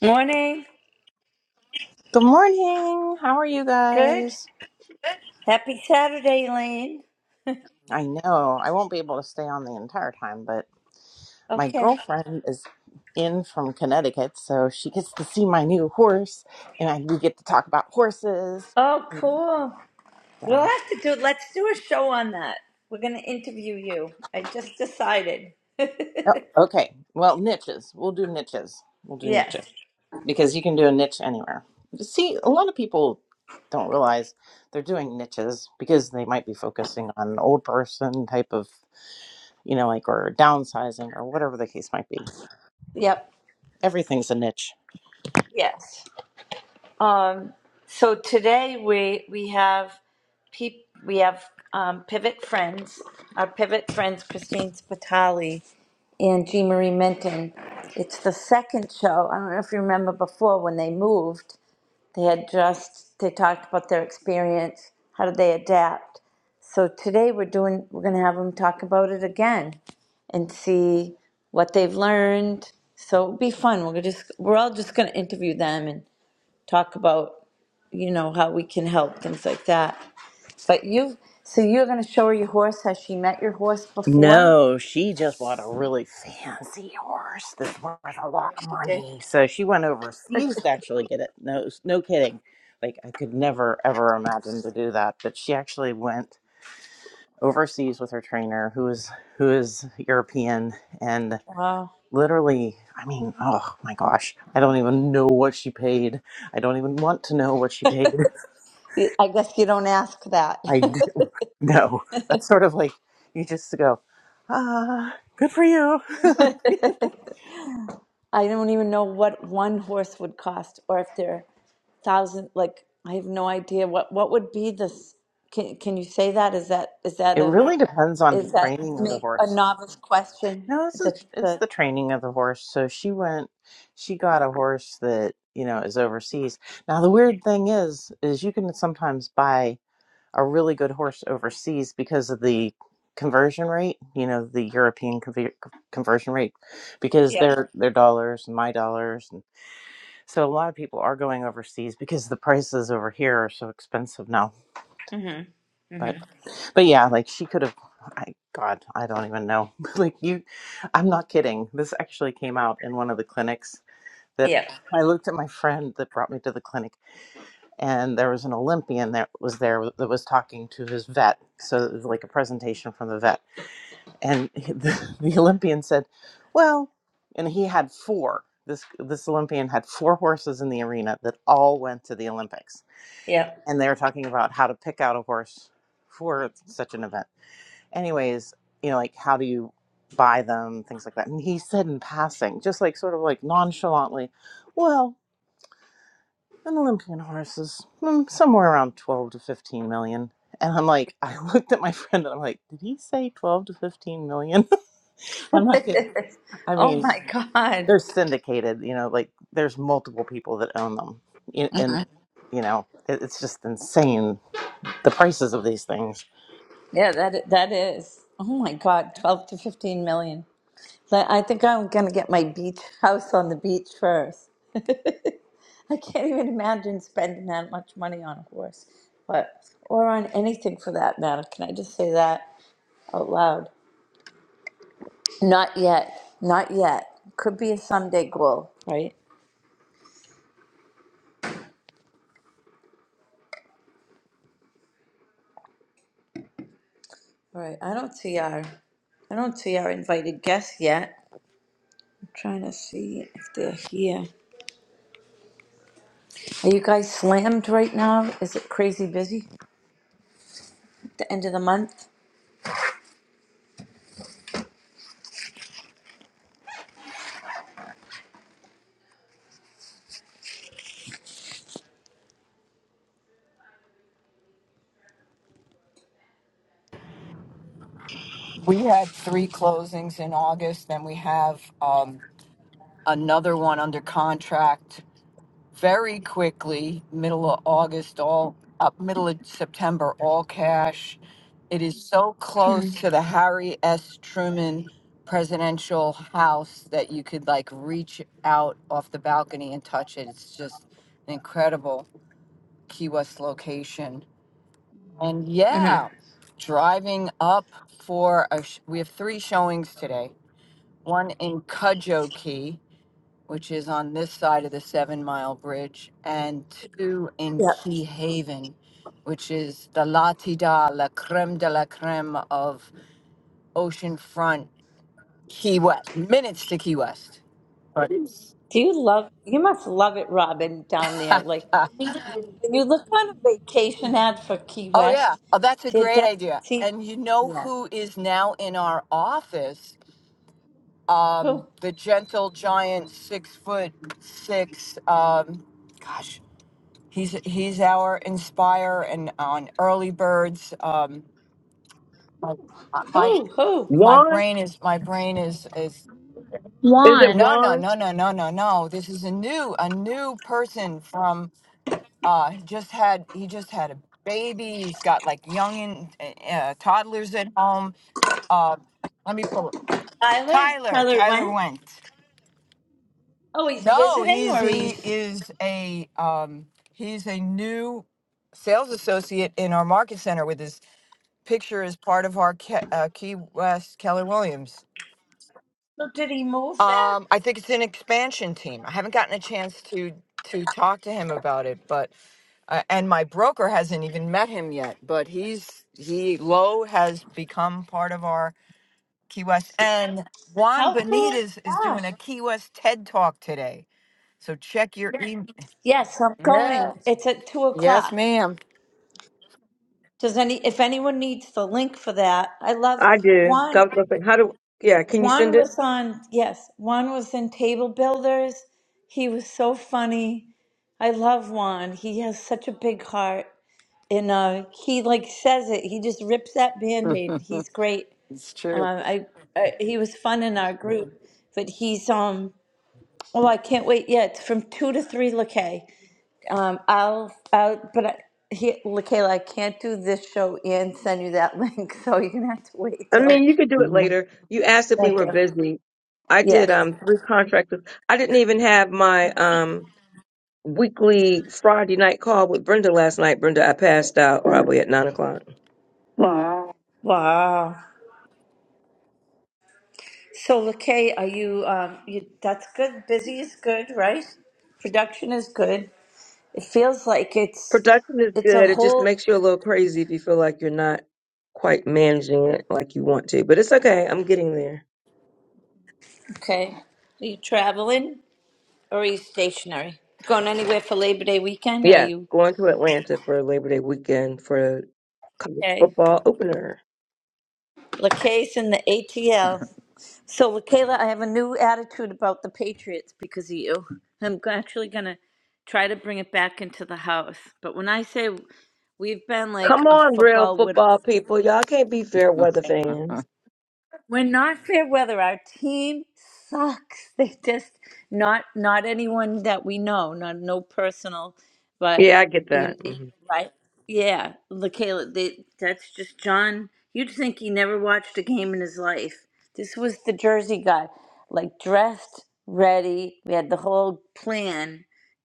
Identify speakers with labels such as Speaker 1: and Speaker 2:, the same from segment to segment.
Speaker 1: Morning.
Speaker 2: Good morning. How are you
Speaker 1: Good.
Speaker 2: guys?
Speaker 1: Happy Saturday, Elaine.
Speaker 2: I know I won't be able to stay on the entire time, but my
Speaker 1: Okay.
Speaker 2: girlfriend is in from Connecticut, so she gets to see my new horse, and I, we get to talk about horses.
Speaker 1: Oh, cool.
Speaker 2: So,
Speaker 1: We'll have to do, let's do a show on that. We're going to interview you. I just decided.
Speaker 2: oh, okay. Well, niches. We'll do niches. We'll do
Speaker 1: Yes.
Speaker 2: niches because you can do a niche anywhere. See, a lot of people don't realize they're doing niches because they might be focusing on an old person type of, you know, like or downsizing or whatever the case might be
Speaker 1: Yep.
Speaker 2: Everything's a niche.
Speaker 1: Yes. Um, so today we, we have peop, we have, um, Pivot Friends, our Pivot Friends, Christine Spitali and Jean Marie Minton. It's the second show. I don't know if you remember before when they moved. They had just, they talked about their experience. How did they adapt? So today we're doing, we're going to have them talk about it again and see what they've learned. So it'll be fun. We're just, we're all just going to interview them and talk about, you know, how we can help, things like that. But you, so you're going to show her your horse. Has she met your horse before?
Speaker 2: No, she just bought a really fancy horse that's worth a lot of
Speaker 1: She did.
Speaker 2: money. So she went overseas to actually get it. No, no kidding. Like I could never ever imagine to do that, but she actually went overseas with her trainer, who is who is European, and
Speaker 1: Wow.
Speaker 2: literally, I mean, oh my gosh, I don't even know what she paid. I don't even want to know what she paid.
Speaker 1: You- I guess you don't ask that.
Speaker 2: I d- no. That's sort of like you just go, ah, good for you.
Speaker 1: I don't even know what one horse would cost, or if they're thousand. Like I have no idea what what would be this. Can can you say that? Is that is that
Speaker 2: It
Speaker 1: a
Speaker 2: really depends on the
Speaker 1: is that
Speaker 2: training of the
Speaker 1: make a
Speaker 2: horse.
Speaker 1: novice question?
Speaker 2: No, it's
Speaker 1: The
Speaker 2: the, it's
Speaker 1: the
Speaker 2: the training of the horse. So she went, she got a horse that you know is overseas. Now the weird thing is, is you can sometimes buy a really good horse overseas because of the conversion rate. You know, the European conver- conversion rate, because
Speaker 1: yeah,
Speaker 2: their their dollars and my dollars, and so a lot of people are going overseas because the prices over here are so expensive now.
Speaker 1: Mm-hmm.
Speaker 2: But
Speaker 1: Mm-hmm.
Speaker 2: but yeah, like she could have I God, I don't even know. like you I'm not kidding. This actually came out in one of the clinics that
Speaker 1: Yep.
Speaker 2: I looked at my friend that brought me to the clinic and there was an Olympian that was there that was talking to his vet. So it was like a presentation from the vet. And he- the, the Olympian said, "Well," and he had four. This this Olympian had four horses in the arena that all went to the Olympics.
Speaker 1: Yep.
Speaker 2: And they were talking about how to pick out a horse for such an event anyways, you know, like how do you buy them, things like that. And he said in passing, just like sort of like nonchalantly, well, an Olympian horse is mm, somewhere around 12 to 15 million. And I'm like, I looked at my friend and I'm like, did he say 12 to 15 million? I'm not kidding. I
Speaker 1: oh
Speaker 2: mean,
Speaker 1: my god,
Speaker 2: they're syndicated, you know, like there's multiple people that own them. Y- And, you know, it- it's just insane the prices of these things.
Speaker 1: yeah that that is oh my god, twelve to fifteen million. But I think I'm gonna get my beach house on the beach first. I can't even imagine spending that much money on a horse, but or on anything for that matter. Can I just say that out loud? Not yet. Not yet. Could be a someday goal, right? All right. I don't see our I don't see our invited guests yet. I'm trying to see if they're here. Are you guys slammed right now? Is it crazy busy at the end of the month?
Speaker 3: We had three closings in August, then we have um, another one under contract very quickly, middle of August, all up middle of September, all cash. It is so close to the Harry S. Truman presidential house that you could like reach out off the balcony and touch it. It's just an incredible Key West location. And
Speaker 1: hmm
Speaker 3: yeah, driving up for a sh- we have three showings today one in Kujokee, which is on this side of the Seven Mile Bridge, and two in
Speaker 1: Yeah.
Speaker 3: Key Haven, which is the la ti da, la creme de la creme of oceanfront Key West, minutes to Key West.
Speaker 1: Do you love you must love it, Robin, down there, like
Speaker 3: oh,
Speaker 1: When you look on a vacation ad for Key
Speaker 3: yeah.
Speaker 1: West,
Speaker 3: Oh, that's a
Speaker 1: there
Speaker 3: great idea.
Speaker 1: doesn't seem.
Speaker 3: And you know
Speaker 1: Yeah.
Speaker 3: who is now in our office?
Speaker 1: Who?
Speaker 3: Um, the gentle giant, six foot six. Um, gosh, He's he's our inspire and on early birds. Um, my
Speaker 1: Who? Who?
Speaker 3: my
Speaker 4: Juan?
Speaker 3: brain is my brain is is
Speaker 4: Is it
Speaker 5: Juan.
Speaker 3: no no
Speaker 4: Juan?
Speaker 3: no no no no no. This is a new a new person from uh he just had he just had a baby. He's got like young and uh, uh, toddlers at home. Uh, let me pull it.
Speaker 1: Tyler?
Speaker 3: Tyler
Speaker 1: Tyler
Speaker 3: Tyler
Speaker 1: went?
Speaker 3: went.
Speaker 1: Oh, he's
Speaker 3: No,
Speaker 1: visiting
Speaker 3: he's
Speaker 1: or
Speaker 3: he
Speaker 1: he's.
Speaker 3: is a um he's a new sales associate in our market center with his picture is part of our Ke- uh, Key West Keller Williams.
Speaker 1: So did he move there?
Speaker 3: Um, I think it's an expansion team. I haven't gotten a chance to to talk to him about it, but uh, and my broker hasn't even met him yet. But he's he Lowe has become part of our Key West, and Juan
Speaker 1: How cool is
Speaker 3: Benitez is doing a
Speaker 1: that?
Speaker 3: Key West TED Talk today. So check your email.
Speaker 1: Yes, I'm
Speaker 3: Yeah.
Speaker 1: going. It's at two
Speaker 3: Yes,
Speaker 1: o'clock.
Speaker 3: ma'am.
Speaker 1: Does any, if anyone needs the link for that, I love
Speaker 4: I did.
Speaker 1: Juan.
Speaker 4: I was gonna say, how do? Yeah, can you
Speaker 1: Juan
Speaker 4: send it?
Speaker 1: was on, yes, Juan was in Table Builders. He was so funny. I love Juan. He has such a big heart. and uh, he like says it. He just rips that band-aid. He's great.
Speaker 3: it's
Speaker 1: Uh,
Speaker 3: true.
Speaker 1: I, I he was fun in our group, but he's um. Oh, I can't wait. Yeah, it's from two to three, Lakay. Um, I'll I'll but I, he, Lakayla, I can't do this show and send you that link, so you're gonna have to wait
Speaker 4: I
Speaker 1: till.
Speaker 4: mean, you could do it later. You asked if we
Speaker 1: Thank
Speaker 4: were
Speaker 1: you.
Speaker 4: busy. I
Speaker 1: Yeah.
Speaker 4: did um three contractors. I didn't even have my um weekly Friday night call with Brenda last night. Brenda, I passed out probably at nine o'clock.
Speaker 1: Wow. So Lakay, are you um? You that's good. Busy is good, right? Production is good. It feels like it's
Speaker 4: Production is
Speaker 1: it's a
Speaker 4: good. It just
Speaker 1: whole
Speaker 4: makes you a little crazy if you feel like you're not quite managing it like you want to. But it's okay. I'm getting there.
Speaker 1: Okay. Are you traveling or are you stationary? Going anywhere for Labor Day weekend or are
Speaker 4: Yeah,
Speaker 1: you
Speaker 4: going to Atlanta for Labor Day weekend for college
Speaker 1: okay?
Speaker 4: football opener.
Speaker 1: LaCase in the ATL. So, LaKayla, I have a new attitude about the Patriots because of you. I'm g- actually going to try to bring it back into the house. But when I say we've been like
Speaker 4: Come
Speaker 1: a
Speaker 4: on, real
Speaker 1: football widow
Speaker 4: football people. Y'all can't be fair weather fans.
Speaker 1: We're not fair weather. Our team sucks. They just not not anyone that we know, not no personal, but
Speaker 4: Yeah, I get
Speaker 1: you,
Speaker 4: that.
Speaker 1: you-
Speaker 4: hmm
Speaker 1: right? Yeah, Lakayla. They, that's just John. You'd think he never watched a game in his life. This was the Jersey guy, like dressed, ready. We had the whole plan,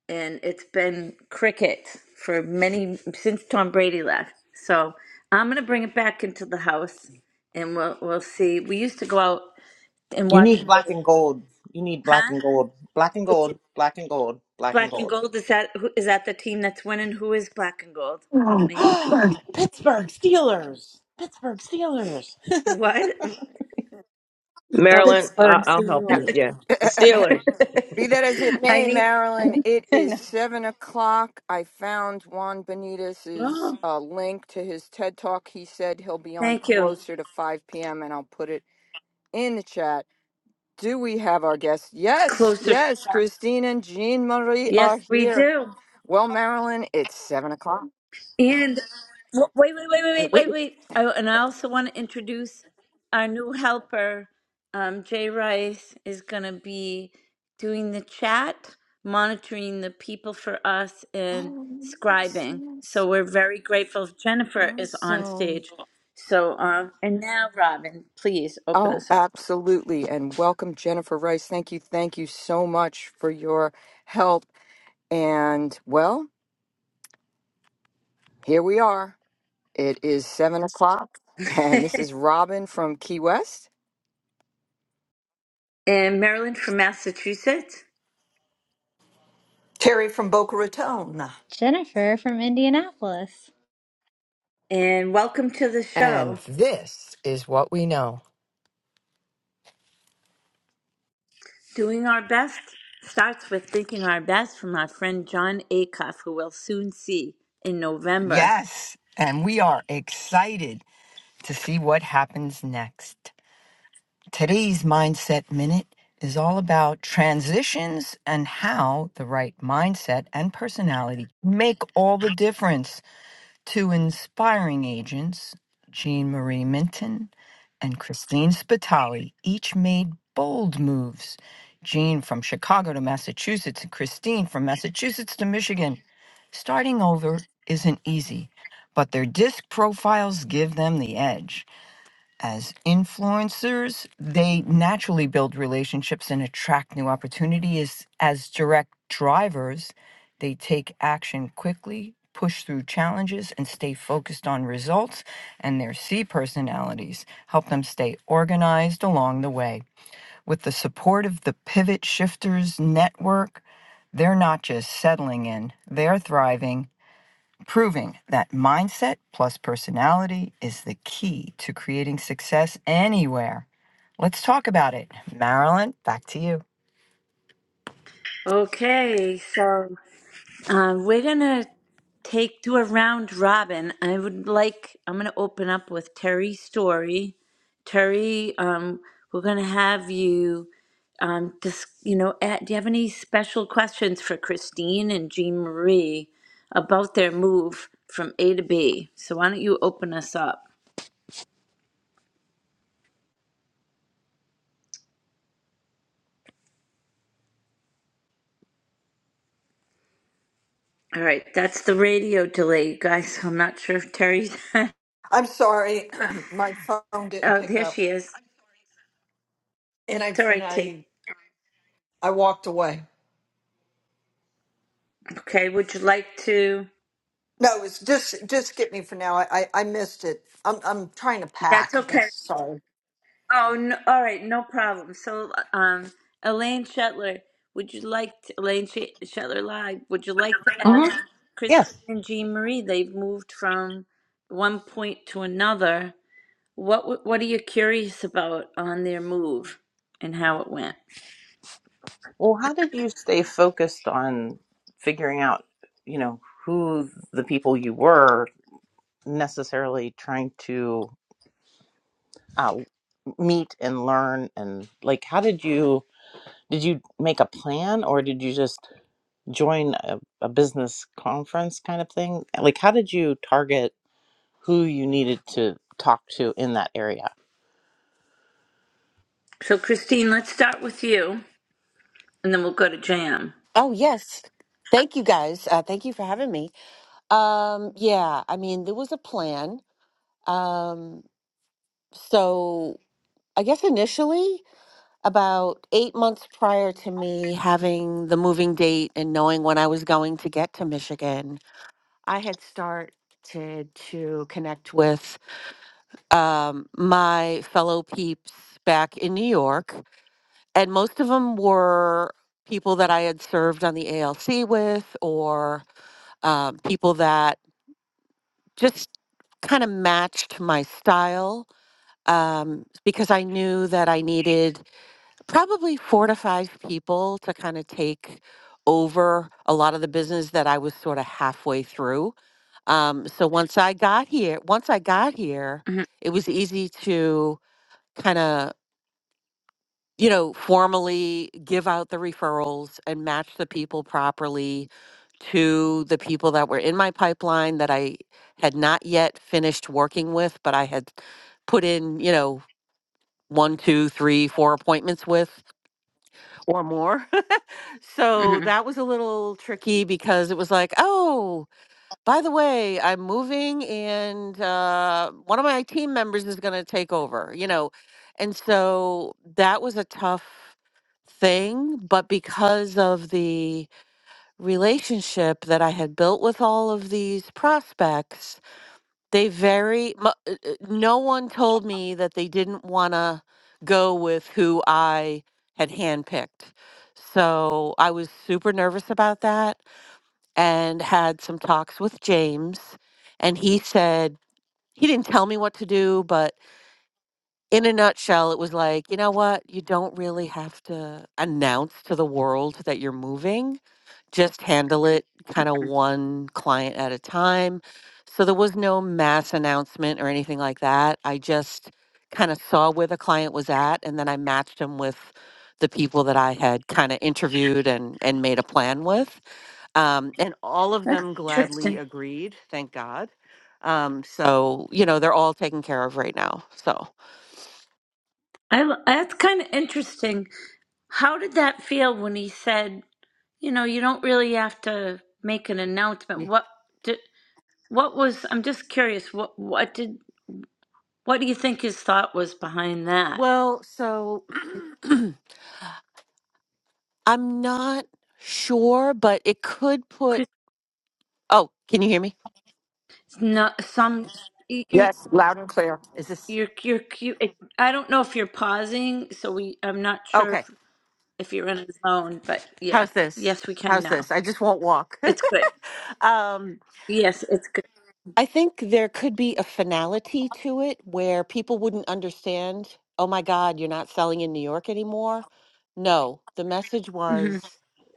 Speaker 1: and it's been cricket for many since Tom Brady left. So I'm gonna bring it back into the house, and we'll we'll see. We used to go out and
Speaker 2: You
Speaker 1: watch the
Speaker 2: need black
Speaker 1: game,
Speaker 2: and gold. You need black
Speaker 1: huh?
Speaker 2: and gold. Black and
Speaker 1: What's
Speaker 2: gold. Black and gold. Black and
Speaker 1: black and
Speaker 2: gold.
Speaker 1: gold? Is that who is that the team that's winning? Who is black and gold? Help me.
Speaker 2: Pittsburgh Steelers. Pittsburgh Steelers.
Speaker 1: What? Oh,
Speaker 4: Maryland, I-
Speaker 2: Pittsburgh
Speaker 4: I'll help you.
Speaker 2: Steelers.
Speaker 4: Yeah. The Steelers.
Speaker 3: Be that as it
Speaker 1: I
Speaker 3: may,
Speaker 1: need.
Speaker 3: Marilyn, it
Speaker 1: I
Speaker 3: is
Speaker 1: know.
Speaker 3: seven o'clock. I found Juan Benitez's
Speaker 1: Oh,
Speaker 3: uh, link to his TED Talk. He said he'll be on
Speaker 1: thank you.
Speaker 3: closer to 5 p.m., and I'll put it in the chat. Do we have our guests? Yes,
Speaker 1: Closer. to
Speaker 3: yes. Christine and Jean Marie are
Speaker 1: Yes, we
Speaker 3: here.
Speaker 1: do.
Speaker 3: Well, Marilyn, it's seven o'clock.
Speaker 1: And w- wait, wait, wait, wait,
Speaker 3: Uh,
Speaker 1: wait,
Speaker 3: Wait.
Speaker 1: wait, wait. I, and I also want to introduce our new helper. Um, Jay Rice is going to be doing the chat, monitoring the people for us, and
Speaker 3: Oh, yes,
Speaker 1: scribing.
Speaker 3: yes.
Speaker 1: So we're very grateful. Jennifer is on
Speaker 3: Awesome.
Speaker 1: stage. So, um, and now, Robin, please open
Speaker 3: Oh,
Speaker 1: us up.
Speaker 3: absolutely. And welcome, Jennifer Rice. Thank you. Thank you so much for your help And well, here we are. It is seven o'clock, and this is Robin from Key West.
Speaker 1: and Marilyn from Massachusetts.
Speaker 6: Terry from Boca Raton.
Speaker 5: Jennifer from Indianapolis.
Speaker 1: And welcome to the
Speaker 3: And
Speaker 1: show.
Speaker 3: this is what we know.
Speaker 1: Doing our best starts with thinking our best from our friend John Acuff, who we'll soon see in November.
Speaker 3: Yes, and we are excited to see what happens next. Today's Mindset Minute is all about transitions and how the right mindset and personality make all the difference to inspiring agents Jean Marie Minton and Christine Spitali each made bold moves. Jean from Chicago to Massachusetts and Christine from Massachusetts to Michigan. Starting over isn't easy, but their disc profiles give them the edge as influencers, they naturally build relationships and attract new opportunities. As direct drivers, they take action quickly, push through challenges, and stay focused on results. And their C personalities help them stay organized along the way. With the support of the Pivot Shifters Network, they're not just settling in, they're thriving proving that mindset plus personality is the key to creating success anywhere. Let's talk about it. Marilyn, back to you.
Speaker 1: Okay, so uh, we're going to take to a round robin. I would like, I'm going to open up with Terry's Story. Terry, um, we're going to have you. Um, just, you know, a- do you have any special questions for Christine and Jean Marie about their move from A to B? So why don't you open us up? All right, that's the radio delay, you guys. I'm not sure if Terry's. oh,
Speaker 6: I'm sorry, my phone didn't pick
Speaker 1: there
Speaker 6: up,
Speaker 1: she is.
Speaker 6: and I
Speaker 1: It's all
Speaker 6: and
Speaker 1: right, T.
Speaker 6: I I walked away.
Speaker 1: Okay, would you like to?
Speaker 6: No, it's just just get me for now. I I, I missed it. I'm I'm trying to
Speaker 1: That's
Speaker 6: pack. That's
Speaker 1: okay.
Speaker 6: sorry.
Speaker 1: Oh, no, all right, no problem. So, um, Elaine Shetler, would you like to, Elaine Sh- Shetler Live? Would you like to
Speaker 2: hmm
Speaker 1: ask
Speaker 2: Yes.
Speaker 1: Christine and Jean Marie? They've moved from one point to another. What w- What are you curious about on their move and how it went?
Speaker 2: Well, how did you stay focused on figuring out, you know, who the people you were necessarily trying to uh, meet and learn and like how did you did you make a plan or did you just join a, a business conference kind of thing? Like, how did you target who you needed to talk to in that area?
Speaker 1: So, Christine, let's start with you, and then we'll go to Jam.
Speaker 7: Oh, yes. Thank you guys. Uh, thank you for having me. Um, yeah, I mean, there was a plan. Um, so I guess initially, about eight months prior to me having the moving date and knowing when I was going to get to Michigan, I had started to connect with um, my fellow peeps back in New York, and most of them were people that I had served on the ALC with or um, people that just kind of matched my style um, because I knew that I needed probably four to five people to kind of take over a lot of the business that I was sort of halfway through. Um, so once I got here, once I got here,
Speaker 1: Mhm,
Speaker 7: it was easy to kind of you know, formally give out the referrals and match the people properly to the people that were in my pipeline that I had not yet finished working with, but I had put in, you know, one, two, three, four appointments with or more. so
Speaker 1: mhm.
Speaker 7: that was a little tricky because it was like, oh, by the way, I'm moving and uh, one of my team members is going to take over, you know. And so that was a tough thing. But because of the relationship that I had built with all of these prospects, they very, mu- uh, uh, no one told me that they didn't want to go with who I had handpicked. So I was super nervous about that and had some talks with James. And he said, he didn't tell me what to do, but in a nutshell, it was like, you know what? You don't really have to announce to the world that you're moving, just handle it kind of one client at a time. So there was no mass announcement or anything like that. I just kind of saw where the client was at, and then I matched him with the people that I had kind of interviewed and, and made a plan with um, and all of
Speaker 1: That's
Speaker 7: them gladly
Speaker 1: interesting.
Speaker 7: agreed. Thank God. Um, so you know they're all taken care of right now. So
Speaker 1: I l- that's kind of interesting. How did that feel when he said, you know, you don't really have to make an announcement?
Speaker 7: yeah.
Speaker 1: What did, what was? I'm just curious. What what did what do you think his thought was behind that?
Speaker 7: well, so I'm not sure, but it could put.
Speaker 1: Chris,
Speaker 7: Oh, can you hear me?
Speaker 1: no, some you, you-
Speaker 3: Yes, loud and clear.
Speaker 7: Is this
Speaker 1: you're you're cute. I don't know if you're pausing, so we. I'm not sure if
Speaker 7: okay?
Speaker 1: if you're in a zone, but yeah,
Speaker 7: How's this?
Speaker 1: yes, we can
Speaker 7: How's
Speaker 1: now.
Speaker 7: this? I just won't walk.
Speaker 1: It's good.
Speaker 7: um,
Speaker 1: Yes, it's
Speaker 7: I think there could be a finality to it where people wouldn't understand, oh my God, you're not selling in New York anymore. No, the message was,
Speaker 1: good.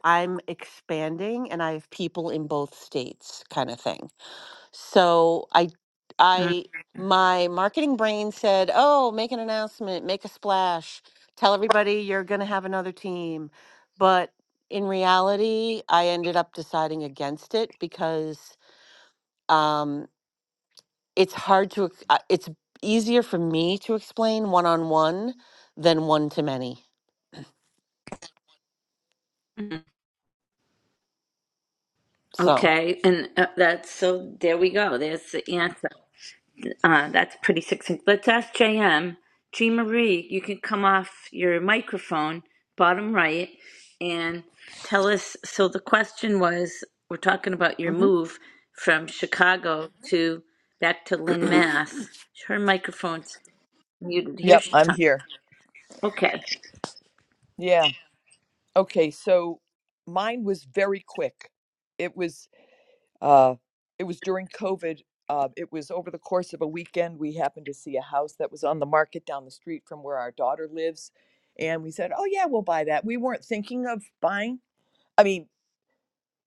Speaker 7: I'm expanding and I have people in both states kind of thing. So I, I,
Speaker 1: hmm
Speaker 7: my marketing brain said, oh, make an announcement, make a splash, tell everybody you're going to have another team. But in reality, I ended up deciding against it because um, it's hard to ex- uh, it's easier for me to explain one on one than one to many so
Speaker 1: Okay, and uh, that's so. There we go. There's the answer. Uh, that's pretty succinct. Let's ask JM. G Marie, you can come off your microphone, bottom right, and tell us. So the question was, we're talking about your
Speaker 7: hmm
Speaker 1: move from Chicago to back to Lynn, Mass. Her microphone's muted. Here
Speaker 8: Yep,
Speaker 1: she
Speaker 8: I'm
Speaker 1: comes.
Speaker 8: here.
Speaker 1: Okay.
Speaker 8: Yeah. Okay, so mine was very quick. It was uh it was during COVID. Uh, it was over the course of a weekend. We happened to see a house that was on the market down the street from where our daughter lives. And we said, Oh, yeah, we'll buy that. We weren't thinking of buying. I mean,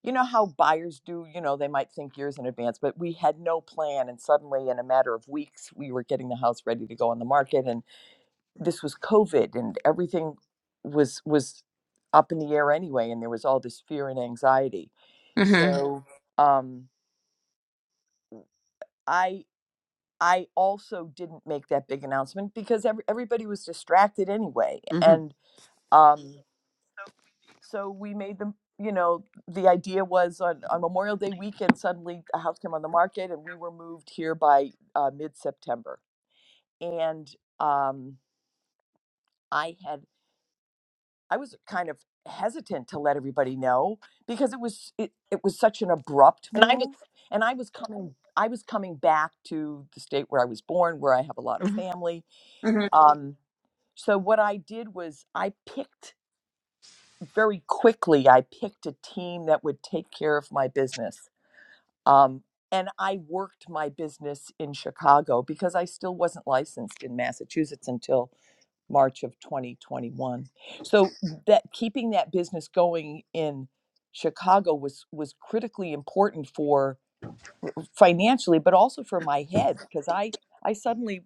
Speaker 8: you know how buyers do, you know, they might think years in advance, but we had no plan. And suddenly, in a matter of weeks, we were getting the house ready to go on the market. and. this was covid and everything was was up in the air anyway and there was all this fear and anxiety
Speaker 1: Mm-hmm.
Speaker 8: so um i i also didn't make that big announcement because every, everybody was distracted anyway
Speaker 7: hmm
Speaker 8: and um so we made them you know the idea was on, on memorial day weekend suddenly a house came on the market and we were moved here by uh, mid-september and um, i had I was kind of hesitant to let everybody know because it was it, it was such an abrupt
Speaker 7: And I just,
Speaker 8: move and I was coming I was coming back to the state where I was born where I have a lot of
Speaker 7: hmm
Speaker 8: family
Speaker 1: Mm-hmm.
Speaker 8: um so what I did was I picked very quickly I picked a team that would take care of my business um and I worked my business in Chicago because I still wasn't licensed in Massachusetts until March of 2021. So that keeping that business going in Chicago was was critically important for financially, but also for my head because I I suddenly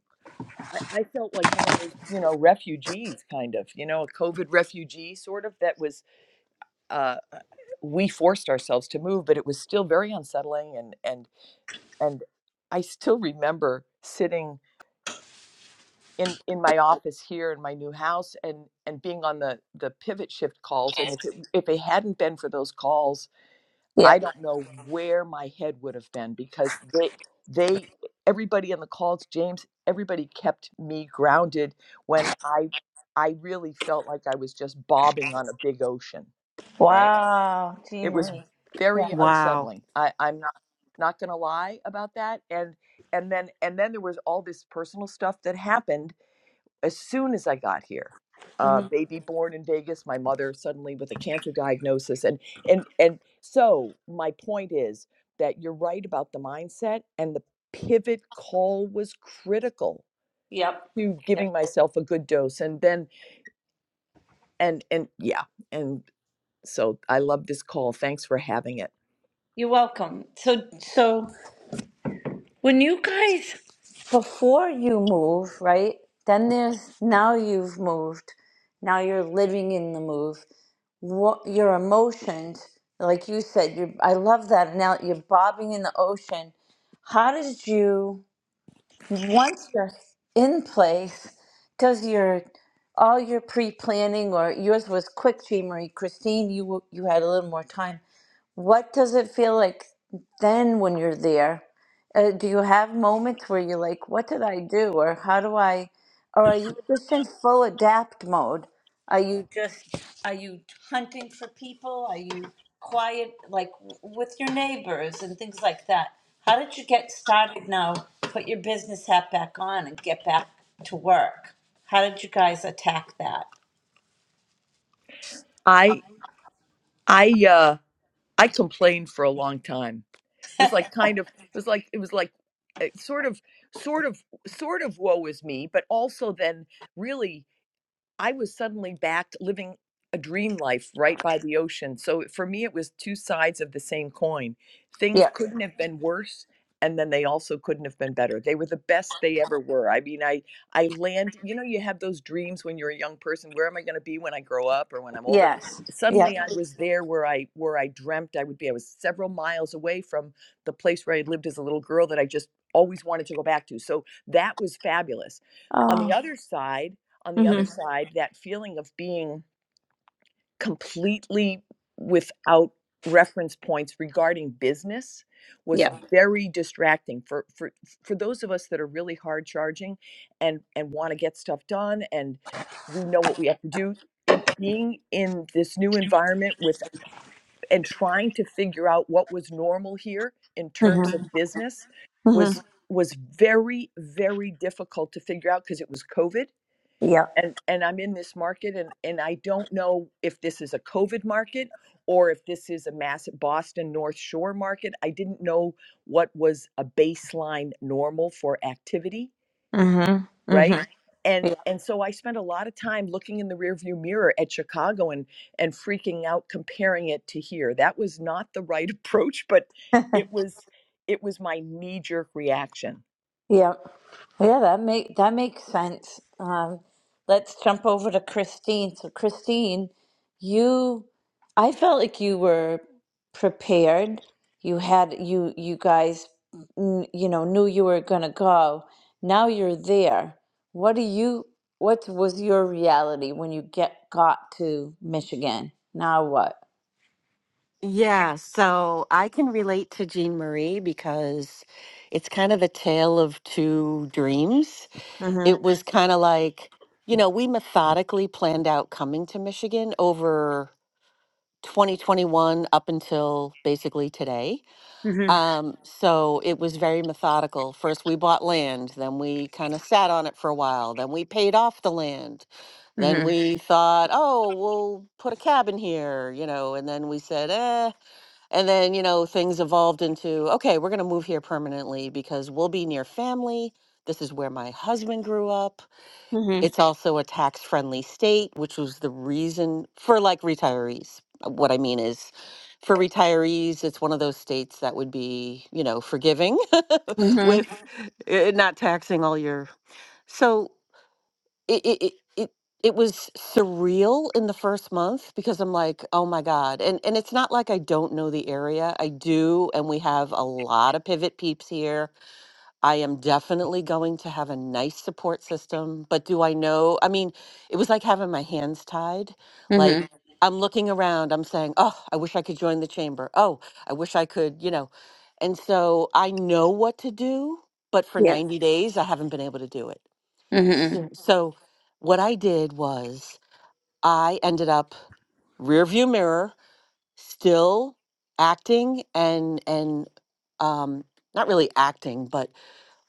Speaker 8: I I felt like one of those you know refugees kind of you know a COVID refugee sort of that was uh, uh, we forced ourselves to move, but it was still very unsettling and and and I still remember sitting in in my office here in my new house and and being on the the pivot shift calls and if it, if it hadn't been for those calls i
Speaker 1: Yep.
Speaker 8: don't know where my head would have been because they they everybody on the calls james everybody kept me grounded when i i really felt like i was just bobbing on a big ocean right
Speaker 1: Wow. Jean
Speaker 8: it was
Speaker 1: Marie. Yeah.
Speaker 8: very
Speaker 7: wow
Speaker 8: unsettling i i'm not not going to lie about that and and then and then there was all this personal stuff that happened as soon as I got here. Uh,
Speaker 1: Mm-hmm.
Speaker 8: baby born in Vegas, my mother suddenly with a cancer diagnosis, and and and so my point is that you're right about the mindset, and the pivot call was critical
Speaker 1: Yep.
Speaker 8: to giving myself a good dose, and then and and yeah, and so I love this call. Thanks for having it.
Speaker 1: You're welcome. So, so when you guys, before you move, right? Then there's now you've moved. Now you're living in the move. What your emotions, like you said, you I love that. Now you're bobbing in the ocean. How did you once you're in place? Does your all your pre planning or yours was quick, Jean Marie, Christine? You w- you had a little more time what does it feel like then when you're there? Uh, do you have moments where you're like, what did I do? Or how do I, or are you just in full adapt mode? Are you just, are you hunting for people? Are you quiet, like w- with your neighbors and things like that? How did you get started now? Put your business hat back on and get back to work. How did you guys attack that?
Speaker 8: I I uh I complained for a long time. It was like kind of it was like it was like uh, sort of sort of sort of woe is me, but also then really I was suddenly backed living a dream life right by the ocean. So for me, it was two sides of the same coin. Things
Speaker 1: Yeah.
Speaker 8: couldn't have been worse. And then they also couldn't have been better. They were the best they ever were. I mean, I I land. You know, you have those dreams when you're a young person. Where am I going to be when I grow up or when I'm older?
Speaker 1: Yes. Yeah.
Speaker 8: Suddenly, I was there where I where I dreamt I would be. I was several miles away from the place where I lived as a little girl that I just always wanted to go back to. So that was fabulous. On
Speaker 1: Oh.
Speaker 8: the other side on the other
Speaker 1: Mm-hmm.
Speaker 8: side, that feeling of being completely without reference points regarding business was
Speaker 1: Yeah.
Speaker 8: very distracting for for for those of us that are really hard charging and and want to get stuff done and we know what we have to do in being in this new environment with and trying to figure out what was normal here in terms of
Speaker 1: Mm-hmm.
Speaker 8: business was was very very difficult to figure out because it was covid
Speaker 1: Yeah.
Speaker 8: and and I'm in this market and and I don't know if this is a COVID market or if this is a mass Boston North Shore market. I didn't know what was a baseline normal for activity,
Speaker 1: Mm-hmm.
Speaker 8: right?
Speaker 1: Mm-hmm.
Speaker 8: And
Speaker 1: Yeah.
Speaker 8: and so I spent a lot of time looking in the rearview mirror at Chicago and and freaking out comparing it to here. That was not the right approach, but it was it was my knee jerk reaction.
Speaker 1: Yeah. Yeah, that make that makes sense. Um, let's jump over to Christine. So Christine, you I felt like you were prepared. You had you you guys mm, you know knew you were gonna go. Now you're there. What do you what was your reality when you get got to Michigan? Now what?
Speaker 7: yeah so i can relate to jean marie because it's kind of a tale of two dreams
Speaker 1: Mm-hmm.
Speaker 7: it was kind of like you know we methodically planned out coming to michigan over 2021 up until basically today
Speaker 1: Mm-hmm.
Speaker 7: Um, so it was very methodical. First, we bought land, then we kind of sat on it for a while, then we paid off the land. Then
Speaker 1: Mm-hmm.
Speaker 7: we thought, oh, we'll put a cabin here, you know, and then we said, eh. And then, you know, things evolved into, okay, we're going to move here permanently because we'll be near family. This is where my husband grew up it's also a tax friendly state, which was the reason for like retirees. Uh, What I mean is, for retirees, it's one of those states that would be, you know, forgiving
Speaker 1: Mm-hmm.
Speaker 7: with uh, not taxing all your. So it, it, it, it it was surreal in the first month because I'm like, oh my God. And, and it's not like I don't know the area. I do. And we have a lot of pivot peeps here I am definitely going to have a nice support system, but do I know? I mean, it was like having my hands tied. Like
Speaker 1: Mm-hmm.
Speaker 7: I'm looking around, I'm saying, "Oh, I wish I could join the chamber. Oh, I wish I could, you know." And so I know what to do, but for 90 days I haven't been able to do it.
Speaker 1: hmm
Speaker 7: So, so what I did was I ended up rear view mirror still acting and and um not really acting, but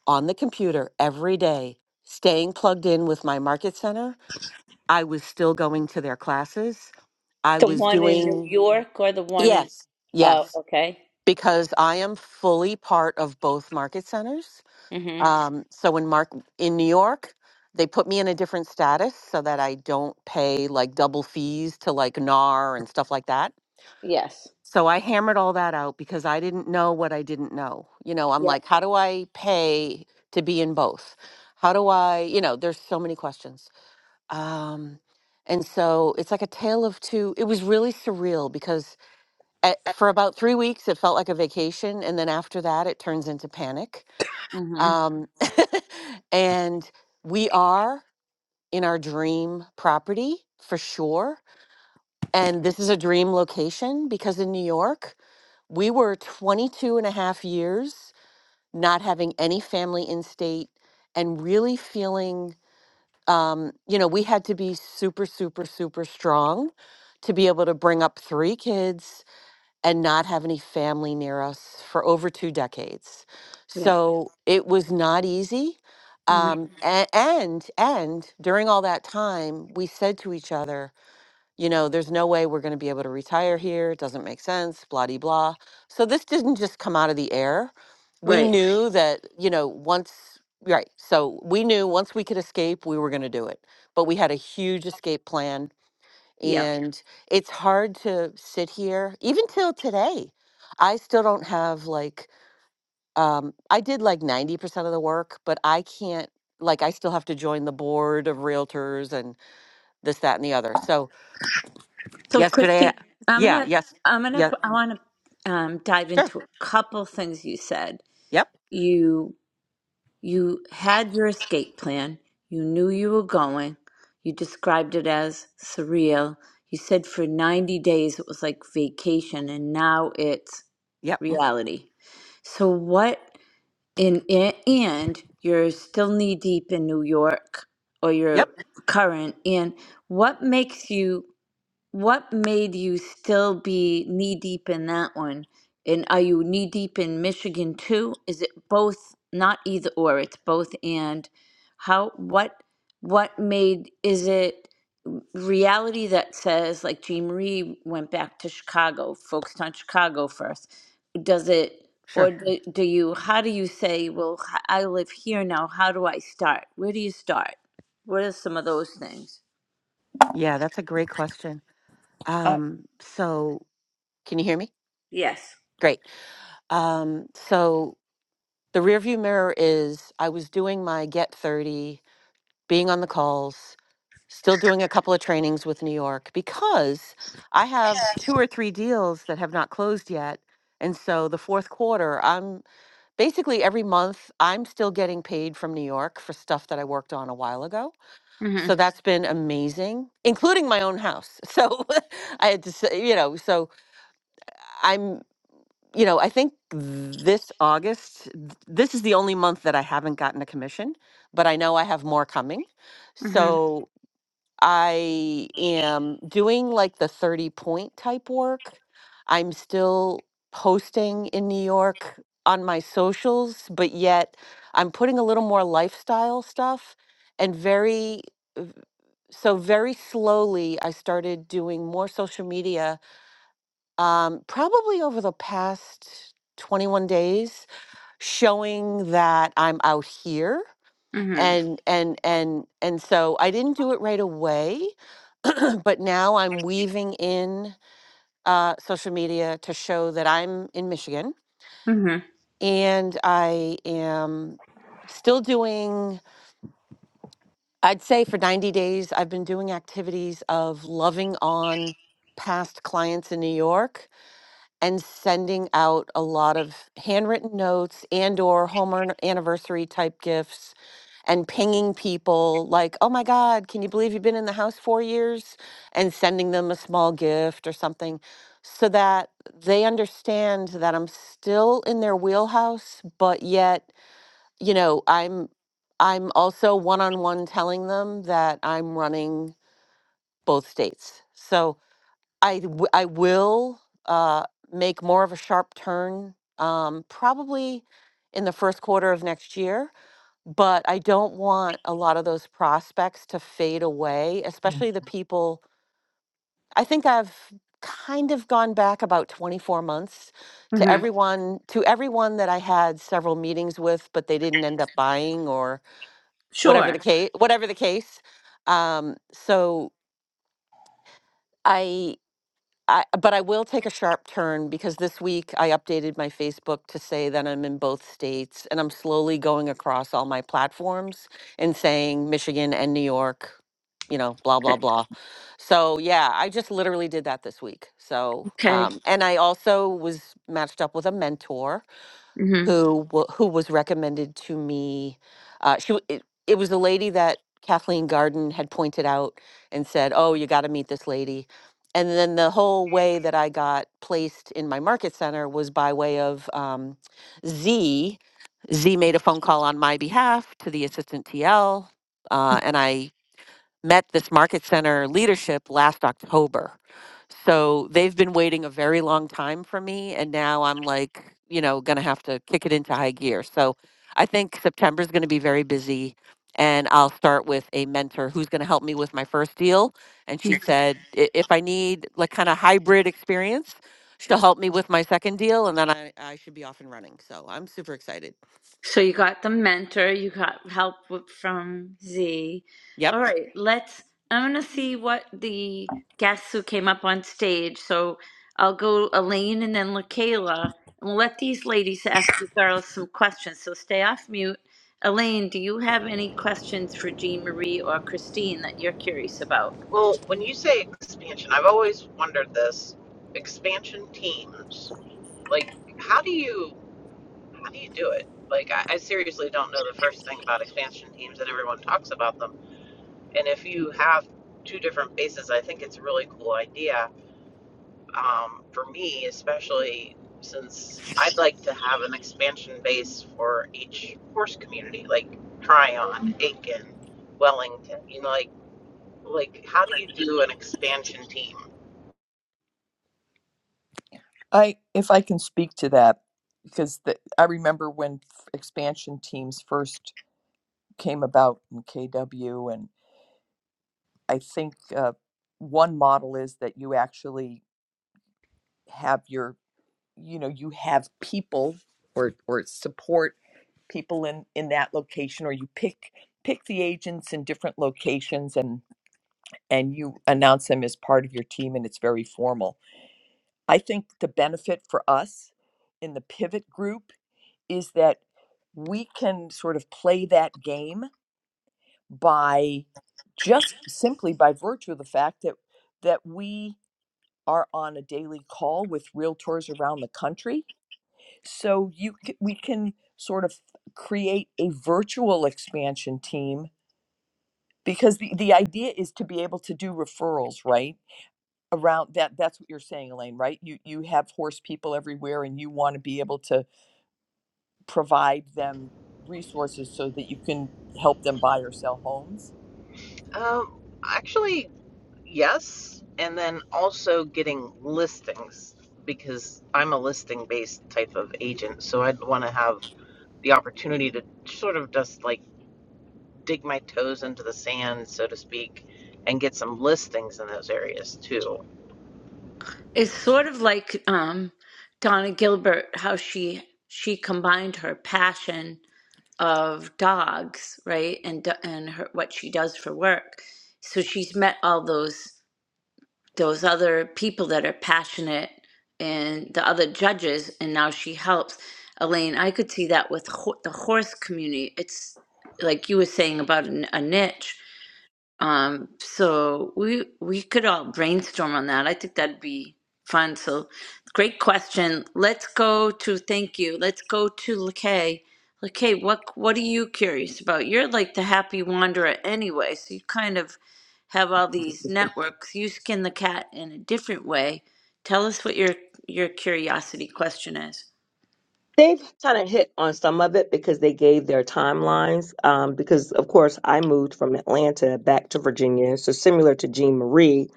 Speaker 7: on the computer every day, staying plugged in with my market center. I was still going to their classes. I
Speaker 1: The
Speaker 7: was
Speaker 1: one in New
Speaker 7: doing,
Speaker 1: York or the one in,
Speaker 7: yes,
Speaker 1: oh,
Speaker 7: yes,
Speaker 1: okay.
Speaker 7: because I am fully part of both market centers.
Speaker 1: hmm
Speaker 7: Um, so when Mark in New York, they put me in a different status so that I don't pay like double fees to like NAR and stuff like that
Speaker 1: Yes.
Speaker 7: so I hammered all that out because I didn't know what I didn't know. You know, I'm
Speaker 1: Yep.
Speaker 7: like, how do I pay to be in both? How do I, you know, there's so many questions. Um, and so it's like a tale of two. It was really surreal because at, for about three weeks, it felt like a vacation. And then after that, it turns into panic.
Speaker 1: hmm
Speaker 7: Um, and we are in our dream property for sure and this is a dream location because in New York, we were 22 and a half years not having any family in state and really feeling, um, you know, we had to be super, super, super strong to be able to bring up three kids and not have any family near us for over two decades.
Speaker 1: Yep.
Speaker 7: So it was not easy.
Speaker 1: hmm
Speaker 7: Um, a- and and during all that time, we said to each other, you know, there's no way we're going to be able to retire here. It doesn't make sense, blah, de, blah. So this didn't just come out of the air. We Right.
Speaker 1: Right.
Speaker 7: knew that, you know, once, right. So we knew once we could escape, we were going to do it. But we had a huge escape plan.
Speaker 1: Yep.
Speaker 7: And it's hard to sit here, even till today. I still don't have like, um, I did like 90% of the work, but I can't, like, I still have to join the board of realtors and this, that, and the other. So,
Speaker 1: So
Speaker 7: Yesterday, uh,
Speaker 1: Christine, I'm
Speaker 7: yeah,
Speaker 1: gonna,
Speaker 7: yes,
Speaker 1: I'm gonna,
Speaker 7: yeah,
Speaker 1: I want to um, dive
Speaker 7: sure.
Speaker 1: into a couple things you said.
Speaker 7: Yep,
Speaker 1: You, you had your escape plan. You knew you were going. You described it as surreal. You said for 90 days it was like vacation, and now it's
Speaker 7: yep,
Speaker 1: reality. So what? in, in and you're still knee deep in New York or you're
Speaker 7: yep,
Speaker 1: current and what makes you what made you still be knee deep in that one and are you knee deep in Michigan too is it both not either or it's both and how what what made is it reality that says like Jean Marie went back to Chicago focused on Chicago first does it, or
Speaker 7: sure.
Speaker 1: do, do you, how do you say, well, h- I live here now, how do I start? Where do you start? What are some of those things?
Speaker 7: Yeah, that's a great question.
Speaker 8: Uh,
Speaker 7: Um, so can you hear me?
Speaker 1: Yes.
Speaker 7: Great. Um, so the rearview mirror is I was doing my Get 30, being on the calls, still doing a couple of trainings with New York because I have two or three deals that have not closed yet. And so the fourth quarter, I'm basically every month, I'm still getting paid from New York for stuff that I worked on a while ago So
Speaker 1: Mm-hmm.
Speaker 7: that's been amazing, including my own house. So I had to say, you know, so I'm, you know, I think this August, th- this is the only month that I haven't gotten a commission, but I know I have more coming.
Speaker 1: Mm-hmm.
Speaker 7: So I am doing like the 30 point type work. I'm still posting in New York on my socials, but yet I'm putting a little more lifestyle stuff and very, v- so very slowly I started doing more social media, um, probably over the past 21 days, showing that I'm out here.
Speaker 1: Mm-hmm.
Speaker 7: And, and, and, and so I didn't do it right away but now I'm weaving in uh, social media to show that I'm in Michigan
Speaker 1: Mm-hmm.
Speaker 7: and I am still doing, I'd say for 90 days, I've been doing activities of loving on past clients in New York and sending out a lot of handwritten notes and or home an- anniversary type gifts and pinging people like oh my god can you believe you've been in the house four years and sending them a small gift or something so that they understand that i'm still in their wheelhouse but yet you know i'm i'm also one-on-one telling them that i'm running both states so I w- I will uh, make more of a sharp turn, um, probably in the first quarter of next year. But I don't want a lot of those prospects to fade away, especially the people. I think I've kind of gone back about 24 months to
Speaker 1: Mm-hmm.
Speaker 7: everyone to everyone that I had several meetings with, but they didn't end up buying or whatever the
Speaker 1: Sure.
Speaker 7: case. Whatever the case. Um, so I I, but I will take a sharp turn because this week I updated my Facebook to say that I'm in both states and I'm slowly going across all my platforms and saying Michigan and New York, you know, blah, blah,
Speaker 1: Th-
Speaker 7: blah. So, yeah, I just literally did that this week. So,
Speaker 1: Okay.
Speaker 7: um, and I also was matched up with a mentor
Speaker 1: Mm-hmm.
Speaker 7: who wa- who was recommended to me. Uh, she w- it, it was a lady that Kathleen Garden had pointed out and said, "Oh, you got to meet this lady." And then the whole way that I got placed in my market center was by way of um, Z. Z made a phone call on my behalf to the assistant TL, uh, and I met this market center leadership last October. So they've been waiting a very long time for me. And now I'm like, you know, going to have to kick it into high gear. So I think September is going to be very busy. And I'll start with a mentor who's going to help me with my first deal. And she said, "I- if I need like kind of hybrid experience, she'll help me with my second deal. And then I, I should be off and running. So I'm super excited.
Speaker 1: So you got the mentor, you got help w- from Z.
Speaker 7: Yep.
Speaker 1: All right, let's. I'm gonna see what the guests who came up on stage. So I'll go Elaine and then LaKayla, and we'll let these ladies ask you girls some questions. So stay off mute. Elaine, do you have any questions for Jean Marie or Christine that you're curious about?
Speaker 2: Well, when you say expansion, I've always wondered this expansion teams. Like, how do you how do you do it? Like, I, I seriously don't know the first thing about expansion teams, and everyone talks about them. And if you have two different bases, I think it's a really cool idea. um, for me, especially since I'd like to have an expansion base for each horse community, like Tryon, Aiken, Wellington. You know, like like how do you do an expansion team?
Speaker 8: I if I can speak to that because the, I remember when f- expansion teams first came about in KW, and I think uh, one model is that you actually have your you know you have people or or support people in in that location, or you pick pick the agents in different locations and and you announce them as part of your team and it's very formal. I think the benefit for us in the pivot group is that we can sort of play that game by just simply by virtue of the fact that that we are on a daily call with realtors around the country so you c- we can sort of create a virtual expansion team because the, the idea is to be able to do referrals right around that that's what you're saying elaine right you you have horse people everywhere and you want to be able to provide them resources so that you can help them buy or sell homes?
Speaker 2: Um, actually, yes, and then also getting listings because I'm a listing based type of agent, so I'd want to have the opportunity to sort of just like dig my toes into the sand, so to speak, and get some listings in those areas too.
Speaker 1: It's sort of like um, Donna Gilbert, how she she combined her passion of dogs, right? And do- and her, what she does for work. So she's met all those those other people that are passionate and the other judges, and now she helps. Elaine, I could see that with ho- the horse community. It's like you were saying about an, a niche um, so we we could all brainstorm on that. I think that'd be fun. So great question. Let's go to thank you. Let's go to Lakay. Lakay, what what are you curious about? You're like the happy wanderer anyway, so you kind of have all these networks. You skin the cat in a different way. Tell us what your your curiosity question is.
Speaker 4: They've kind of hit on some of it because they gave their timelines. Um, because of course, I moved from Atlanta back to Virginia, so similar to Jean Marie,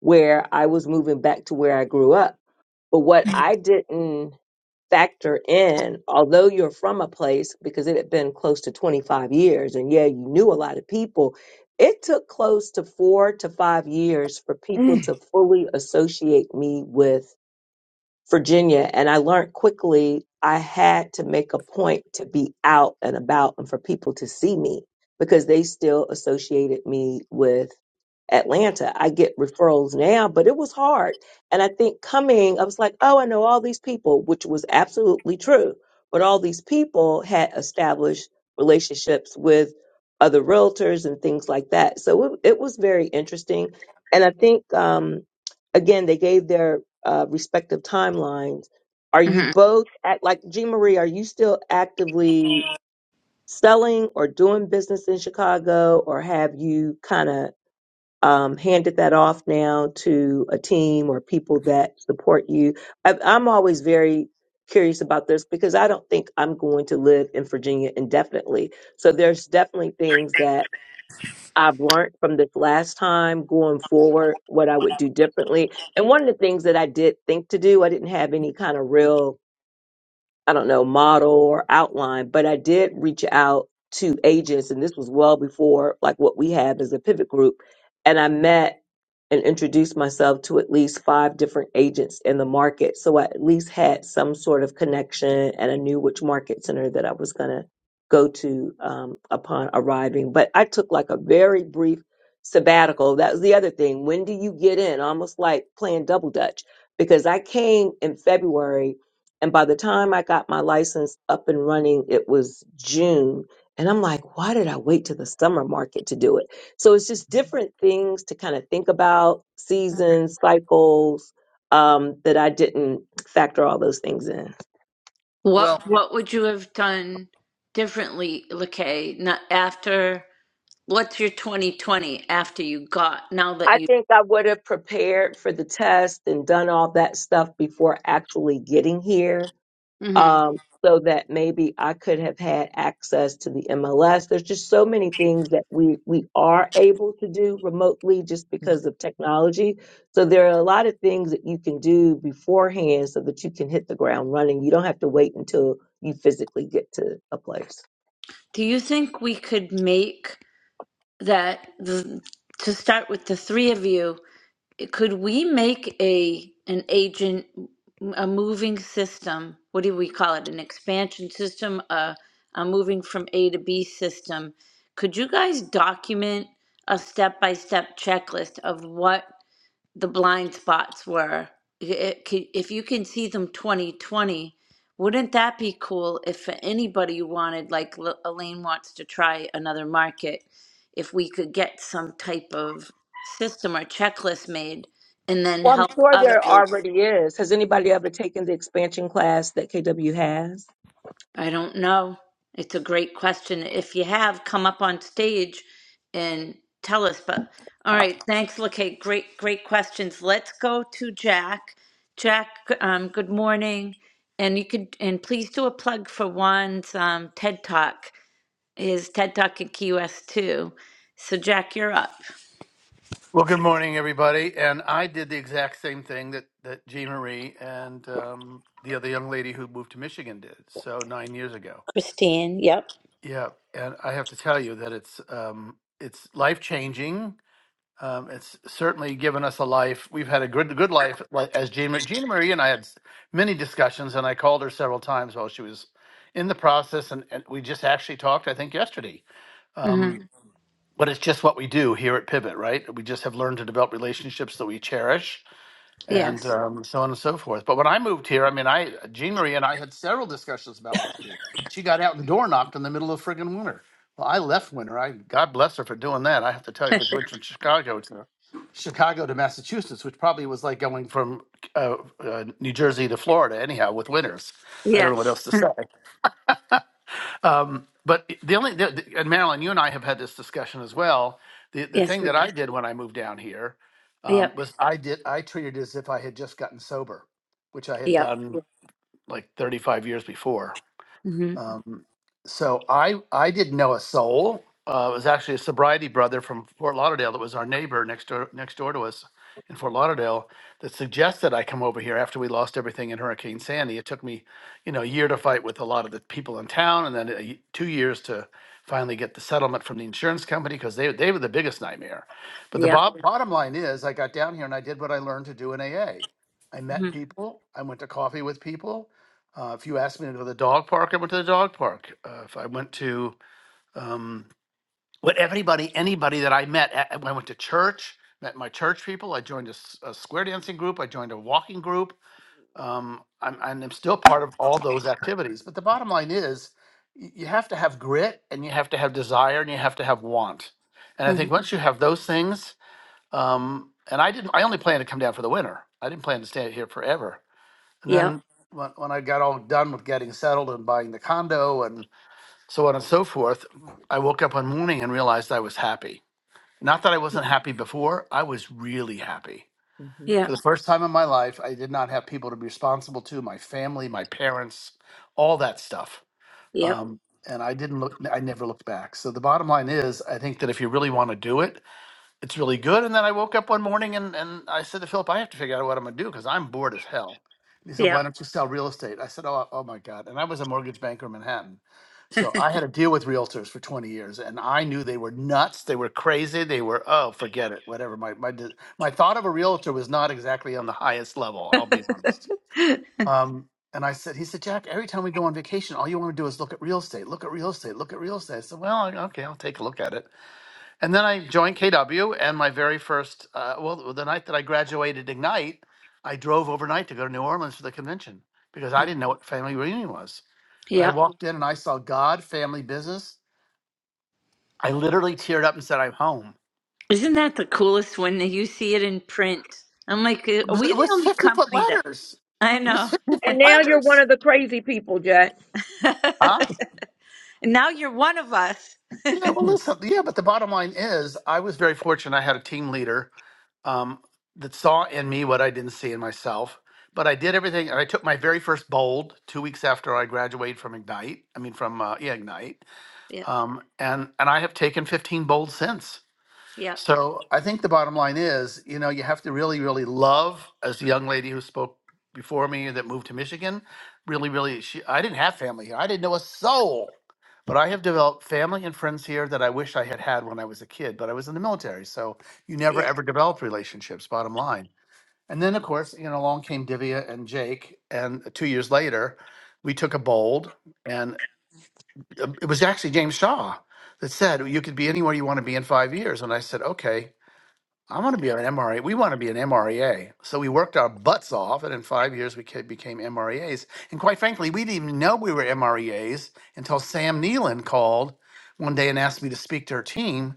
Speaker 4: where I was moving back to where I grew up. But what I didn't factor in, although you're from a place, because it had been close to 25 years, and yeah, you knew a lot of people. It took close to four to five years for people
Speaker 8: Mm.
Speaker 4: to fully associate me with Virginia, and I learned quickly I had to make a point to be out and about and for people to see me because they still associated me with Atlanta. I get referrals now, but it was hard. And I think coming, I was like, oh, I know all these people, which was absolutely true. But all these people had established relationships with other realtors and things like that. So it, it was very interesting. And I think, um, again, they gave their uh, respective timelines. Are you
Speaker 1: hmm
Speaker 4: both at like Jean Marie? Are you still actively selling or doing business in Chicago, or have you kind of um, handed that off now to a team or people that support you? I, I'm always very curious about this because I don't think I'm going to live in Virginia indefinitely. So there's definitely things that I've learned from this last time going forward, what I would do differently. And one of the things that I did think to do, I didn't have any kind of real I don't know, model or outline, but I did reach out to agents and this was well before like what we have as a pivot group. And I met and introduced myself to at least five different agents in the market. So I at least had some sort of connection and I knew which market center that I was going to go to um, upon arriving. But I took like a very brief sabbatical. That was the other thing. When do you get in? Almost like playing double dutch because I came in February and by the time I got my license up and running, it was June. And I'm like, why did I wait to the summer market to do it? So it's just different things to kind of think about seasons, cycles, um, that I didn't factor all those things in.
Speaker 1: What
Speaker 8: Well,
Speaker 1: what would you have done differently, Lakay, not after? what's your 2020 after you got now that
Speaker 4: I
Speaker 1: you
Speaker 4: think I would have prepared for the test and done all that stuff before actually getting here
Speaker 1: hmm
Speaker 4: um, so that maybe I could have had access to the MLS. There's just so many things that we we are able to do remotely just because of technology. So there are a lot of things that you can do beforehand so that you can hit the ground running. You don't have to wait until you physically get to a place.
Speaker 1: do you think we could make that the, to start with the three of you could we make a an agent a moving system what do we call it an expansion system a, a moving from a to b system could you guys document a step-by-step checklist of what the blind spots were. it could- If you can see them 2020, wouldn't that be cool if for anybody wanted, like L- Elaine wants to try another market, if we could get some type of system or checklist made and then
Speaker 4: Well, I'm
Speaker 1: help
Speaker 4: sure
Speaker 1: other
Speaker 4: there already is. Has anybody ever taken the expansion class that KW has?
Speaker 1: I don't know. It's a great question. If you have, come up on stage and tell us. But all right, thanks, Lakay. Great, great questions. Let's go to Jack. Jack, um, good morning. And you could and please do a plug for Juan's um, TED Talk, his TED Talk at Key West too. So Jack, you're up.
Speaker 9: Well, good morning, everybody. And I did the exact same thing that that Jean Marie and um, the other young lady who moved to Michigan did. So nine years ago.
Speaker 1: Christine, yep.
Speaker 9: Yeah, and I have to tell you that it's um, it's life changing. Um, it's certainly given us a life. We've had a good good life. Like as Jean, Jean Marie and I had s- many discussions, and I called her several times while she was in the process, and, and we just actually talked. I think yesterday.
Speaker 1: Mm-hmm.
Speaker 9: Um, but it's just what we do here at Pivot, right? We just have learned to develop relationships that we cherish, and
Speaker 1: Yes.
Speaker 9: um, so on and so forth. But when I moved here, I mean, I Jean Marie and I had several discussions about what to do. She got out and door knocked in the middle of friggin' winter. Well, I left winter. I God bless her for doing that. I have to tell you, but she went from Chicago to Chicago to Massachusetts, which probably was like going from uh, uh, New Jersey to Florida. Anyhow, with winters, I don't know what
Speaker 1: Yes.
Speaker 9: else to say. Um, but the only the, and Marilyn, you and I have had this discussion as well. The the
Speaker 1: Yes,
Speaker 9: thing
Speaker 1: we
Speaker 9: that
Speaker 1: are.
Speaker 9: I did when I moved down here um,
Speaker 1: Yep.
Speaker 9: was I did I treated it as if I had just gotten sober, which I had
Speaker 1: Yep.
Speaker 9: done like 35 years before.
Speaker 1: Mm-hmm.
Speaker 9: Um, so I I didn't know a soul. Uh, it was actually a sobriety brother from Fort Lauderdale that was our neighbor next door next door to us in Fort Lauderdale that suggested I come over here after we lost everything in Hurricane Sandy. It took me, you know, a year to fight with a lot of the people in town, and then a y two years to finally get the settlement from the insurance company because they they were the biggest nightmare. But the
Speaker 1: Yep.
Speaker 9: bo- Right. bottom line is, I got down here and I did what I learned to do in AA. I met people. I went to coffee with people. Uh, if you asked me to go to the dog park, I went to the dog park. Uh, if I went to um, what everybody, anybody that I met, at, when I went to church, met my church people. I joined a, s- a square dancing group. I joined a walking group. Um, I'm, and I'm still part of all those activities. But the bottom line is, y- you have to have grit, and you have to have desire, and you have to have want. And I
Speaker 1: Mm-hmm.
Speaker 9: think once you have those things, um, and I didn't, I only plan to come down for the winter. I didn't plan to stay here forever. And
Speaker 1: Yep.
Speaker 9: then when, when I got all done with getting settled and buying the condo and so on and so forth, I woke up one morning and realized I was happy. Not that I wasn't happy before, I was really happy.
Speaker 8: Mhm.
Speaker 9: For
Speaker 1: Yep.
Speaker 9: the first time in my life, I did not have people to be responsible to my family, my parents, all that stuff.
Speaker 1: Yep.
Speaker 9: Um, and I didn't look, I never looked back. So the bottom line is, I think that if you really want to do it, it's really good. And then I woke up one morning and, and I said to Philip, I have to figure out what I'm going to do because I'm bored as hell. And he said,
Speaker 1: Yep.
Speaker 9: Why don't you sell real estate? I said, oh, oh my God. And I was a mortgage banker in Manhattan. So I had to deal with realtors for 20 years and I knew they were nuts. They were crazy. They were, oh, forget it, whatever. My, my, de- my thought of a realtor was not exactly on the highest level, I'll be honest. Um, and I said, he said, Jack, every time we go on vacation, all you want to do is look at real estate, look at real estate, look at real estate. I said, well, okay, I'll take a look at it. And then I joined KW, and my very first, uh, well, the night that I graduated Ignite, I drove overnight to go to New Orleans for the convention because I didn't know what family reunion was. And I
Speaker 1: Yeah.
Speaker 9: walked in and I saw God, family, business. I literally teared up and said, I'm home.
Speaker 1: Isn't that the coolest when you see it in print? I'm like, uh, are we
Speaker 9: It
Speaker 1: the
Speaker 9: was
Speaker 1: only
Speaker 9: 50 foot
Speaker 1: company that
Speaker 9: ladders.
Speaker 1: I
Speaker 9: It was
Speaker 1: know?
Speaker 9: 50 foot
Speaker 4: And now you're one
Speaker 9: ladders.
Speaker 4: of the crazy people, Jack.
Speaker 9: Huh?
Speaker 1: And now you're one of us.
Speaker 9: Yeah, well,
Speaker 8: Mhm.
Speaker 9: listen. Yeah, but the bottom line is, I was very fortunate. I had a team leader um, that saw in me what I didn't see in myself. But I did everything, and I took my very first bold two weeks after I graduated from Ignite. I mean, from uh, yeah, Ignite.
Speaker 1: Yep.
Speaker 9: Um, and and I have taken 15 bold since.
Speaker 1: Yep.
Speaker 9: So I think the bottom line is, you know, you have to really, really love, as the young lady who spoke before me that moved to Michigan, really, really, she, I didn't have family here. I didn't know a soul. But I have developed family and friends here that I wish I had had when I was a kid, but I was in the military. So you never
Speaker 1: Yep.
Speaker 9: ever develop relationships, bottom line. And then, of course, you know, along came Divya and Jake. And two years later, we took a bold, and um, it was actually James Shaw that said, You could be anywhere you want to be in five years. And I said, Okay I want to be an MRA. We want to be an MREA. So we worked our butts off, and in five years we ca- became MREAs. And quite frankly, we didn't even know we were MREAs until Sam Nealon called one day and asked me to speak to her team,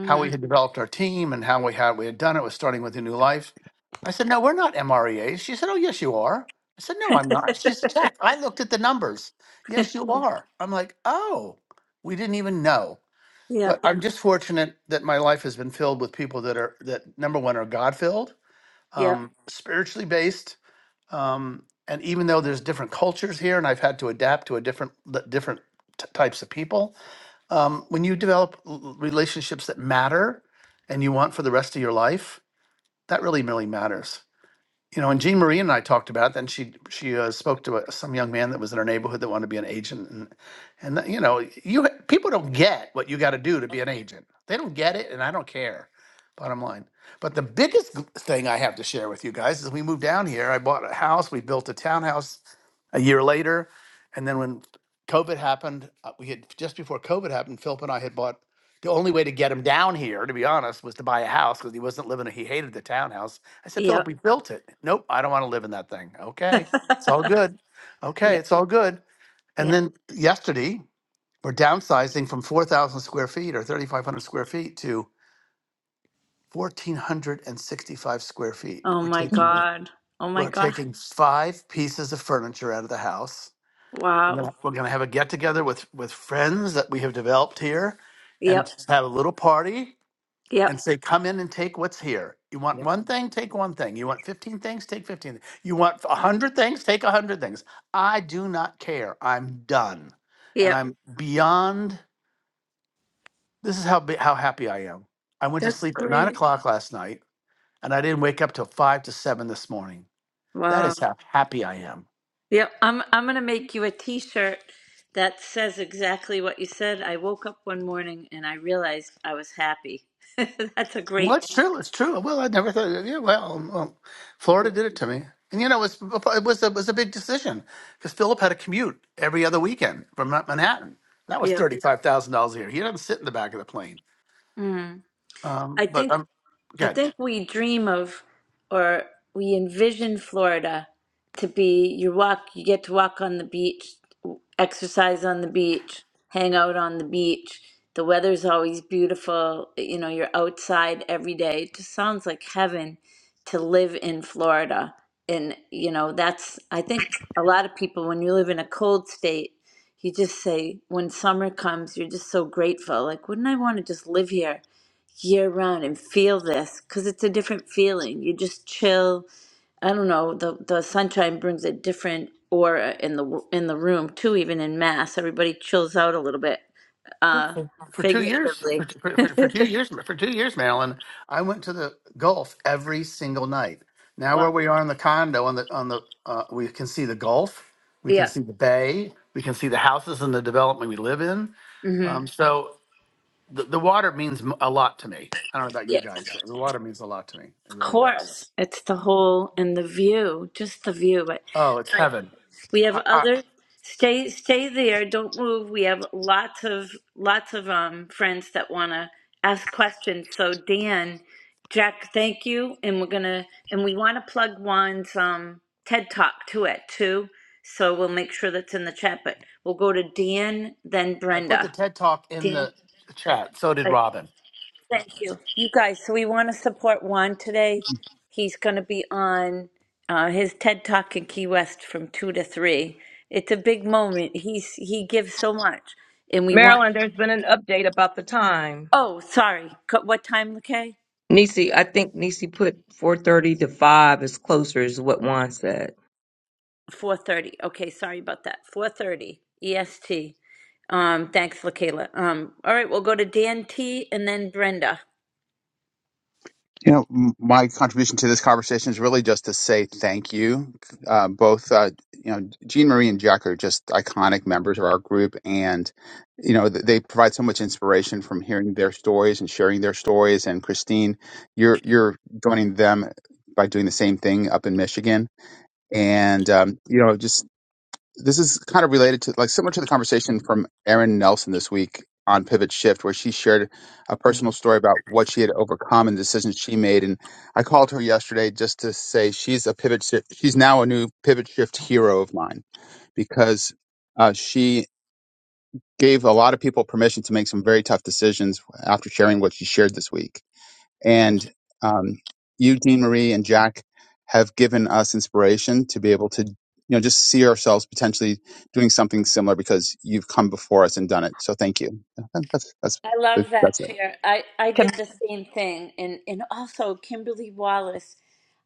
Speaker 9: how we had developed our team and how we had we had done it was starting with a new life. I said, "No, we're not MREAs." She said, "Oh, yes, you are." I said, "No, I'm
Speaker 1: Yep.
Speaker 9: not." She said, "Jack, I looked at the numbers. Yes, you are." I'm like, "Oh, we didn't even know."
Speaker 1: Yep.
Speaker 9: But I'm just fortunate that my life has been filled with people that are that number one are God filled,
Speaker 1: Yep.
Speaker 9: um, spiritually based, um, and even though there's different cultures here, and I've had to adapt to a different the different t- types of people. Um, when you develop l- relationships that matter and you want for the rest of your life, that really really matters you know, and Jean Marie and I talked about that. And she she uh, spoke to a, some young man that was in our neighborhood that wanted to be an agent, and and that, you know, you ha- people don't get what you got to do to be an agent. They don't get it, and I don't care. Bottom line. But the biggest g- thing I have to share with you guys is we moved down here. I bought a house. We built a townhouse a year later, and then when COVID happened, uh, we had just before COVID happened, Philip and I had bought. The only way to get him down here, to be honest, was to buy a house because he wasn't living. He hated the townhouse I said,
Speaker 1: Yep.
Speaker 9: Philip, we built it. Nope, I don't want to live in that thing. Okay, it's all good. Okay, it's all good. And
Speaker 1: Yep.
Speaker 9: then yesterday, we're downsizing from 4,000 square feet or 3,500 square feet to 1,465 square feet.
Speaker 1: Oh
Speaker 9: We're
Speaker 1: my
Speaker 9: taking
Speaker 8: Mhm.
Speaker 1: God. Oh my
Speaker 9: we're
Speaker 1: God.
Speaker 9: taking five pieces of furniture out of the house. We're
Speaker 1: Wow.
Speaker 9: gonna, we're gonna have a get together with with friends that we have developed here, and
Speaker 1: Yep.
Speaker 9: just have a little party
Speaker 1: Yep.
Speaker 9: and say, come in and take what's here. You want
Speaker 8: Yep.
Speaker 9: one thing, take one thing. You want 15 things, take 15. You want a 100 things, take a 100 things. I do not care. I'm done. And
Speaker 1: Yep.
Speaker 9: I'm beyond, this is how, bi- how happy I am. I went to
Speaker 1: That's
Speaker 9: sleep at nine
Speaker 1: great.
Speaker 9: o'clock last night and I didn't wake up till five to seven this morning. That
Speaker 1: Wow.
Speaker 9: is how happy I am.
Speaker 1: Yep, I'm I'm gonna make you a t-shirt that says exactly what you said. I woke up one morning and I realized I was happy. That's a
Speaker 9: Well,
Speaker 1: great.
Speaker 9: it's true. It's true. Well, I never thought. Yeah, well, um, um, Florida did it to me, and you know, it was it was a, it was a big decision because Philip had a commute every other weekend from Ma- Manhattan. That was
Speaker 1: Yeah.
Speaker 9: thirty five thousand dollars a year. He didn't sit in the back of the plane.
Speaker 1: Mm.
Speaker 9: Um,
Speaker 1: I
Speaker 9: but
Speaker 1: think
Speaker 9: um,
Speaker 1: I
Speaker 9: God,
Speaker 1: think we dream of or we envision Florida to be you walk, you get to walk on the beach, exercise on the beach, hang out on the beach. The weather's always beautiful. You know, you're outside every day. It just sounds like heaven to live in Florida. And, you know, that's, I think a lot of people, when you live in a cold state, you just say, when summer comes, you're just so grateful. Like, wouldn't I want to just live here? year round and feel this because it's a different feeling. You just chill. I don't know. The the sunshine brings a different aura in the w- in the room too. Even in mass, everybody chills out a little bit, uh,
Speaker 9: for two years,
Speaker 1: figuratively.
Speaker 9: for, for for for two years, for two years, Marilyn, I went to the Gulf every single night. Now
Speaker 1: wow.
Speaker 9: where we are in the condo, on the on the, uh, we can see the Gulf. We can
Speaker 1: Yeah.
Speaker 9: see the bay. We can see the houses in the development we live in.
Speaker 1: hmm
Speaker 9: Um, so the, the water means m- a lot to me. I don't know about you
Speaker 1: Yeah.
Speaker 9: guys. The water means a lot to me. It
Speaker 1: Of
Speaker 9: really does.
Speaker 1: course, it's the whole and the view, just the view. But
Speaker 9: Oh, it's heaven.
Speaker 1: We have
Speaker 9: I, I,
Speaker 1: other stay stay there. Don't move. We have lots of lots of um friends that want to ask questions. So Dan, Jack, thank you, and we're gonna and we want to plug Juan's um TED Talk to it too. So we'll make sure that's in the chat. But we'll go to Dan, then
Speaker 9: I put the
Speaker 1: Brenda.
Speaker 9: TED Talk in
Speaker 1: Dan.
Speaker 9: the chat. So did Robin.
Speaker 1: Thank you. You guys, so we want to support Juan today.
Speaker 10: You
Speaker 1: He's going to be on uh, his TED Talk in Key West from 2 to 3. It's a big moment. He's he gives so much and we want
Speaker 4: Marilyn, there's been an update about the time.
Speaker 1: Oh, sorry. Co- What time, okay?
Speaker 4: Nisi, I think Nisi put 4:30 to 5 is closer is what Juan said.
Speaker 1: 4:30. Okay, sorry about that. 4:30 EST. Um thanks, Lakayla. Um all right, we'll go to Dan T and then Brenda.
Speaker 10: know, m- my contribution to this conversation is really just to say thank you. Uh, both, uh, you know, Jean Marie and Jack are just iconic members of our group, and you know th- they provide so much inspiration from hearing their stories and sharing their stories. And Christine, you're you're joining them by doing the same thing up in Michigan, and um, you know, just this is kind of related to like similar to the conversation from Erin Nelson this week on Pivot Shift, where she shared a personal
Speaker 8: Mhm.
Speaker 10: story about what she had overcome and the decisions she made. And I called her yesterday just to say she's a pivot shift. She's now a new pivot shift hero of mine because uh, she gave a lot of people permission to make some very tough decisions after sharing what she shared this week and um, you, Dean Marie, and Jack have given us inspiration to be able to, you know, just see ourselves potentially doing something similar because you've come before us and done it. So thank you. That- That's that's
Speaker 1: I love that
Speaker 10: that's it.
Speaker 1: chair. I, I did the same thing. And, and also, Kimberly Wallace,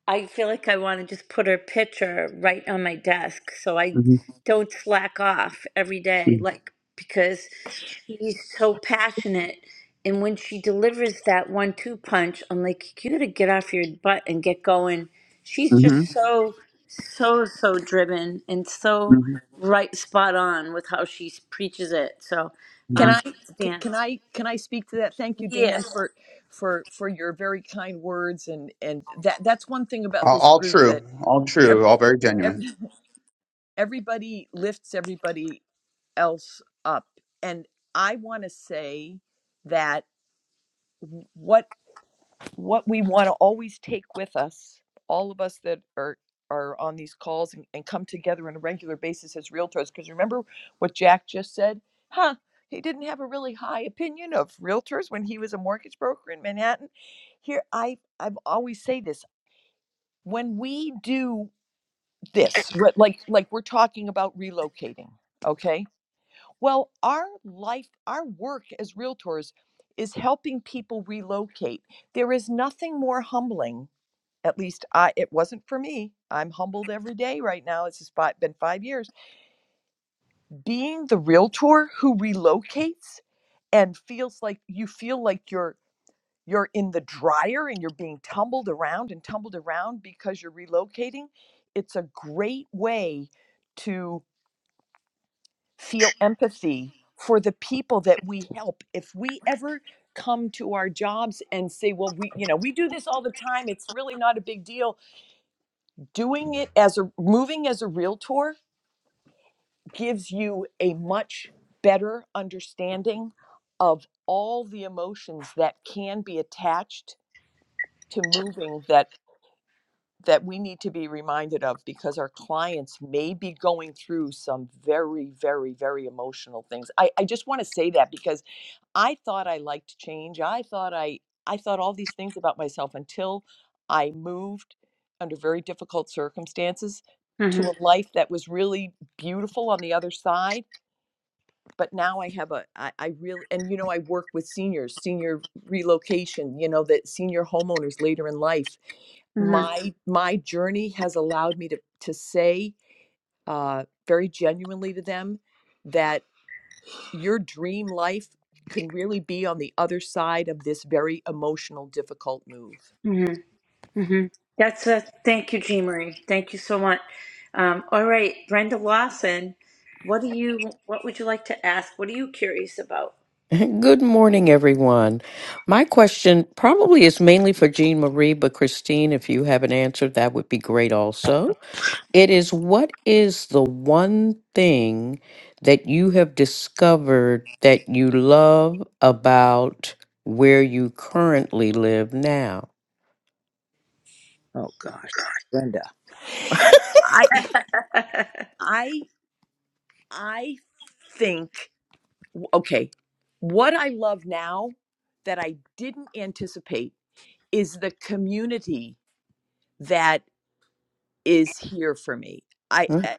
Speaker 1: I feel like I want to just put her picture right on my desk so I
Speaker 10: hmm
Speaker 1: don't slack off every day, like, because she's so passionate. And when she delivers that one two punch, I'm like, you got to get off your butt and get going. She's
Speaker 10: hmm
Speaker 1: just so, so, so driven and
Speaker 10: hmm
Speaker 1: so right spot on with how she preaches it. So,
Speaker 8: Can
Speaker 1: um,
Speaker 8: I
Speaker 1: thanks,
Speaker 8: c-
Speaker 1: Dan.
Speaker 8: can I can I speak to that? Thank you, Dan,
Speaker 1: Yes.
Speaker 8: for for for your very kind words and and that that's one thing about
Speaker 10: All,
Speaker 8: this
Speaker 10: all
Speaker 8: group
Speaker 10: true.
Speaker 8: that
Speaker 10: All
Speaker 8: every,
Speaker 10: true. All very genuine.
Speaker 8: every, everybody lifts everybody else up. And I want to say that what. what we want to always take with us, all of us that are are on these calls and, and come together on a regular basis as realtors. Because remember what Jack just said? Huh, he didn't have a really high opinion of realtors when he was a mortgage broker in Manhattan. Here, I I've always say this. When we do this, what- like like we're talking about relocating, okay? Well, our life, our work as realtors is helping people relocate. There is nothing more humbling at least I it wasn't for me. I'm humbled every day right now. It's just five, been five years. Being the realtor who relocates and feels like you feel like you're you're in the dryer and you're being tumbled around and tumbled around because you're relocating. It's a great way to feel empathy for the people that we help. If we ever come to our jobs and say, well, we, you know, we do this all the time. It's really not a big deal doing it as a moving as a realtor gives you a much better understanding of all the emotions that can be attached to moving that that we need to be reminded of because our clients may be going through some very very very emotional things i, I just want to say that because I thought I liked change. I thought I I thought all these things about myself until I moved under very difficult circumstances to
Speaker 1: Mm-hmm.
Speaker 8: a life that was really beautiful on the other side. But now I have a I, I really and you know I work with seniors, senior relocation, you know, that senior homeowners later in life.
Speaker 1: Mm-hmm.
Speaker 8: My my journey has allowed me to to say uh, very genuinely to them that your dream life can really be on the other side of this very emotional difficult move
Speaker 1: Mm-hmm. hmm That's a thank you, Jean Marie. Thank you so much. Um, all right, Brenda Lawson, what do you? What would you like to ask? What are you curious about,
Speaker 11: Good morning, everyone. My question probably is mainly for Jean Marie, but Christine, if you have an answer, that would be great also. It is what is the one thing that you have discovered that you love about where you currently live now?
Speaker 8: Oh gosh, Linda. i i i think okay what i love now that i didn't anticipate is the community that is here for me i
Speaker 11: Mm,
Speaker 8: uh,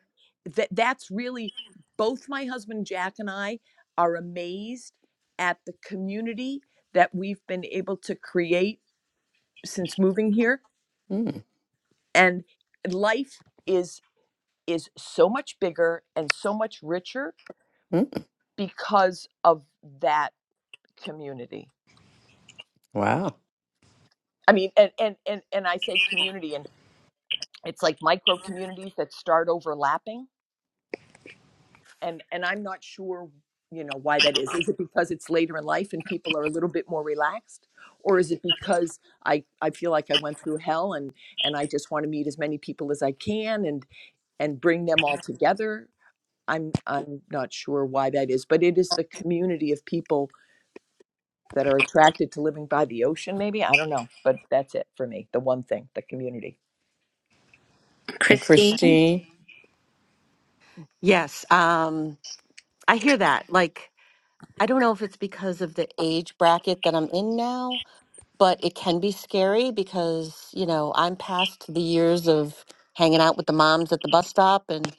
Speaker 8: that that's really both my husband jack and i are amazed at the community that we've been able to create since moving here
Speaker 11: mm,
Speaker 8: and life is is so much bigger and so much richer
Speaker 11: mm.
Speaker 8: because of that community
Speaker 11: Wow.
Speaker 8: i mean and and and, and i say community and it's like micro communities that start overlapping and and i'm not sure you know why that is is it because it's later in life and people are a little bit more relaxed or is it because i i feel like i went through hell and and i just want to meet as many people as i can and and bring them all together I'm I'm not sure why that is, but it is the community of people that are attracted to living by the ocean. Maybe I don't know, but that's it for me. The one thing, the community.
Speaker 11: And
Speaker 1: Christine?
Speaker 11: Christine?
Speaker 7: Yes, um, I hear that. Like I don't know if it's because of the age bracket that I'm in now, but it can be scary because, you know, I'm past the years of hanging out with the moms at the bus stop and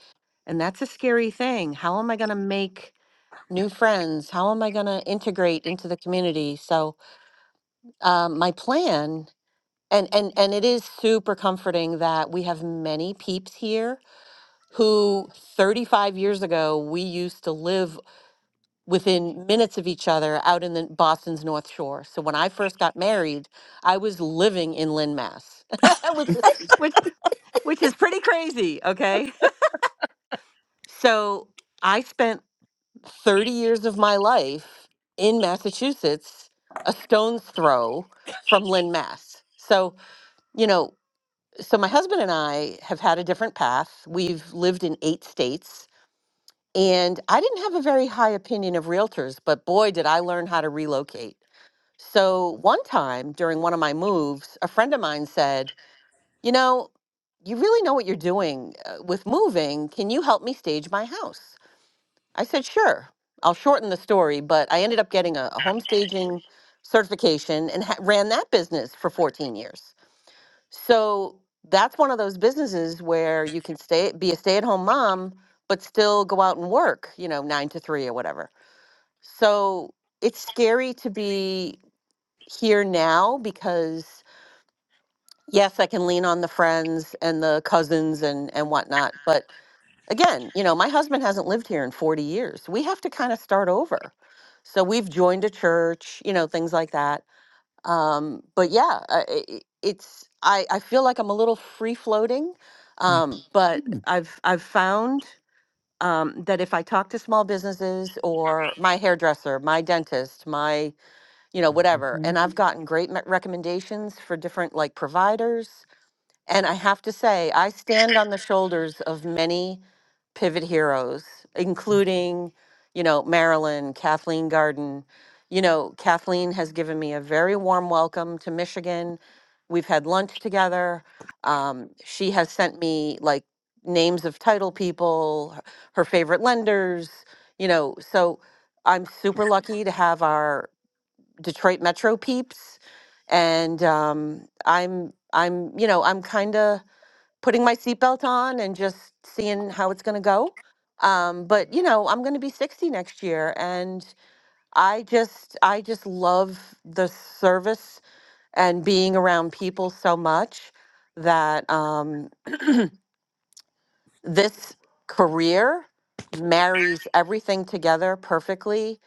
Speaker 7: and that's a scary thing. How am I going to make new friends? How am I going to integrate into the community? So, um, my plan and and and it is super comforting that we have many peeps here who 35 years ago we used to live within minutes of each other out in the Boston's North Shore. So when I first got married, I was living in Lynn, Mass, which is- which which is pretty crazy, okay? So I spent 30 years of my life in Massachusetts, a stone's throw from Lynn, Mass. So, you know, so my husband and I have had a different path. We've lived in eight states, and I didn't have a very high opinion of realtors, but boy, did I learn how to relocate So one time during one of my moves, a friend of mine said, You know, you really know what you're doing uh, with moving. Can you help me stage my house? I said, Sure. I'll shorten the story, but I ended up getting a, a home staging certification and ha- ran that business for 14 years. So that's one of those businesses where you can stay, be a stay at home mom, but still go out and work, you know, nine to three or whatever. So it's scary to be here now because yes, I can lean on the friends and the cousins and and whatnot. But again, you know, my husband hasn't lived here in 40 years. We have to kind of start over. So we've joined a church, you know, things like that. Um, but yeah, I- i- i- it's I I feel like I'm a little free floating,
Speaker 8: Mm.
Speaker 7: um, but
Speaker 11: Mm,
Speaker 7: I've I've found. Um, that if I talk to small businesses or my hairdresser, my dentist, my you know, whatever.
Speaker 11: mhm.
Speaker 7: And I've gotten great me- recommendations for different like providers. And I have to say, I stand on the shoulders of many pivot heroes, including, you know, Marilyn, Kathleen Garden. You know, Kathleen has given me a very warm welcome to Michigan. We've had lunch together. Um, she has sent me like names of title people, her her favorite lenders, you know, so I'm super lucky to have our Detroit Metro peeps, and um, I'm I'm you know I'm kind of putting my seatbelt on and just seeing how it's going to go. Um, but you know I'm going to be 60 next year, and I just I just love the service and being around people so much that um, this career marries everything together perfectly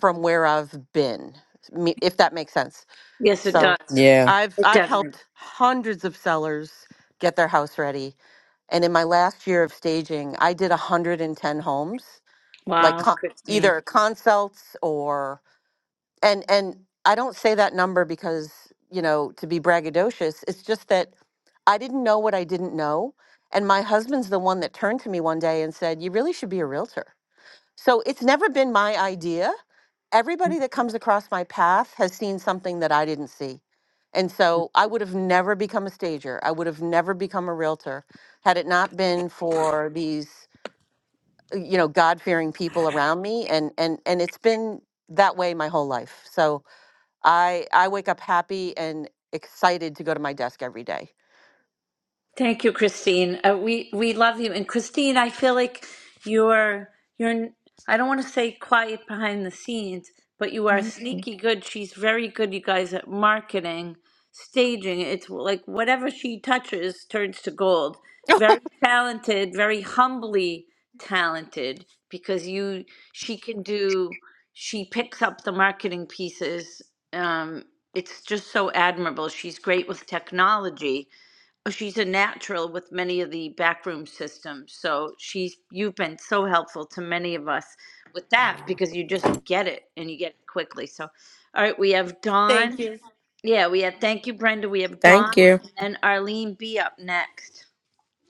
Speaker 7: from where I've been. me- If that makes sense
Speaker 1: Yes, it
Speaker 7: So
Speaker 1: does.
Speaker 11: Yeah.
Speaker 7: I've
Speaker 1: It
Speaker 7: I've
Speaker 1: definitely.
Speaker 7: helped hundreds of sellers get their house ready. And in my last year of staging, I did 110 homes, like
Speaker 1: Wow,
Speaker 7: con-
Speaker 1: Christine.
Speaker 7: either consults or and and I don't say that number because, you know, to be braggadocious, it's just that I didn't know what I didn't know. And my husband's the one that turned to me one day and said, "You really should be a realtor." So it's never been my idea. Everybody that comes across my path has seen something that I didn't see. And so I would have never become a stager. I would have never become a realtor had it not been for these, uh, you know, God-fearing people around me and and and it's been that way my whole life. So I I wake up happy and excited to go to my desk every day.
Speaker 1: Thank you, Christine. Uh, we we love you, and Christine, I feel like you're you're. I don't want to say quiet behind the scenes, but you are
Speaker 11: Mhm.
Speaker 1: sneaky good. She's very good, you guys, at marketing, staging. It's like whatever she touches turns to gold. Very talented, very humbly talented, because you she can do. She picks up the marketing pieces. Um, it's just so admirable. She's great with technology Oh, she's a natural with many of the backroom systems. So she's you've been so helpful to many of us with that because you just get it and you get it quickly. So all right, we have Dawn. Yeah, we have thank you, Brenda. We have Dawn
Speaker 11: Thank you.
Speaker 1: and Arlene B up next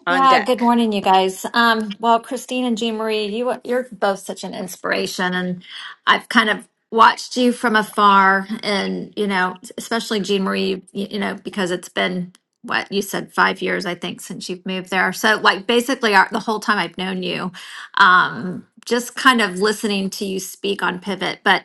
Speaker 1: on
Speaker 12: Yeah, good
Speaker 1: deck.
Speaker 12: morning, you guys. Um, well, Christine and Jean Marie, you you're both such an inspiration, and I've kind of watched you from afar, and you know, especially Jean Marie, you, you know, because it's been what you said five years, I think, since you've moved there. So, like, basically, our, the whole time I've known you, um, just kind of listening to you speak on Pivot, but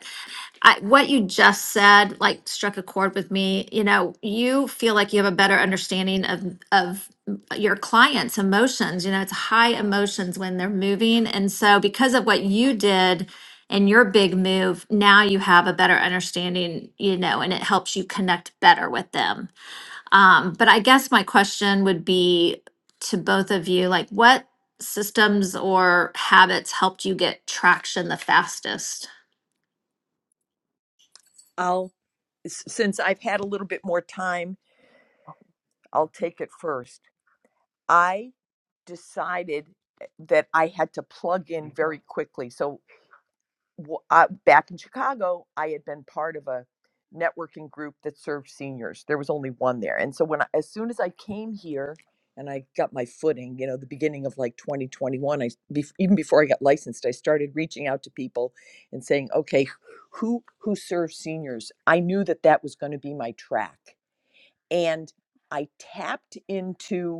Speaker 12: I, what you just said like struck a chord with me. You know, you feel like you have a better understanding of of your clients' emotions. You know, it's high emotions when they're moving, and so because of what you did and your big move, now you have a better understanding. You know, and it helps you connect better with them. Um, but I guess my question would be to both of you, like, what systems or habits helped you get traction the fastest?
Speaker 8: I'll s- since I've had a little bit more time, I'll take it first. I decided eh, that I had to plug in very quickly. So w- uh, back in Chicago, I had been part of a networking group that served seniors. There was only one there, and so when I, as soon as I came here and I got my footing, you know, the beginning of like 2021, I bef- even before I got licensed, I started reaching out to people and saying, okay, who who serves seniors? I knew that that was going to be my track, and I tapped into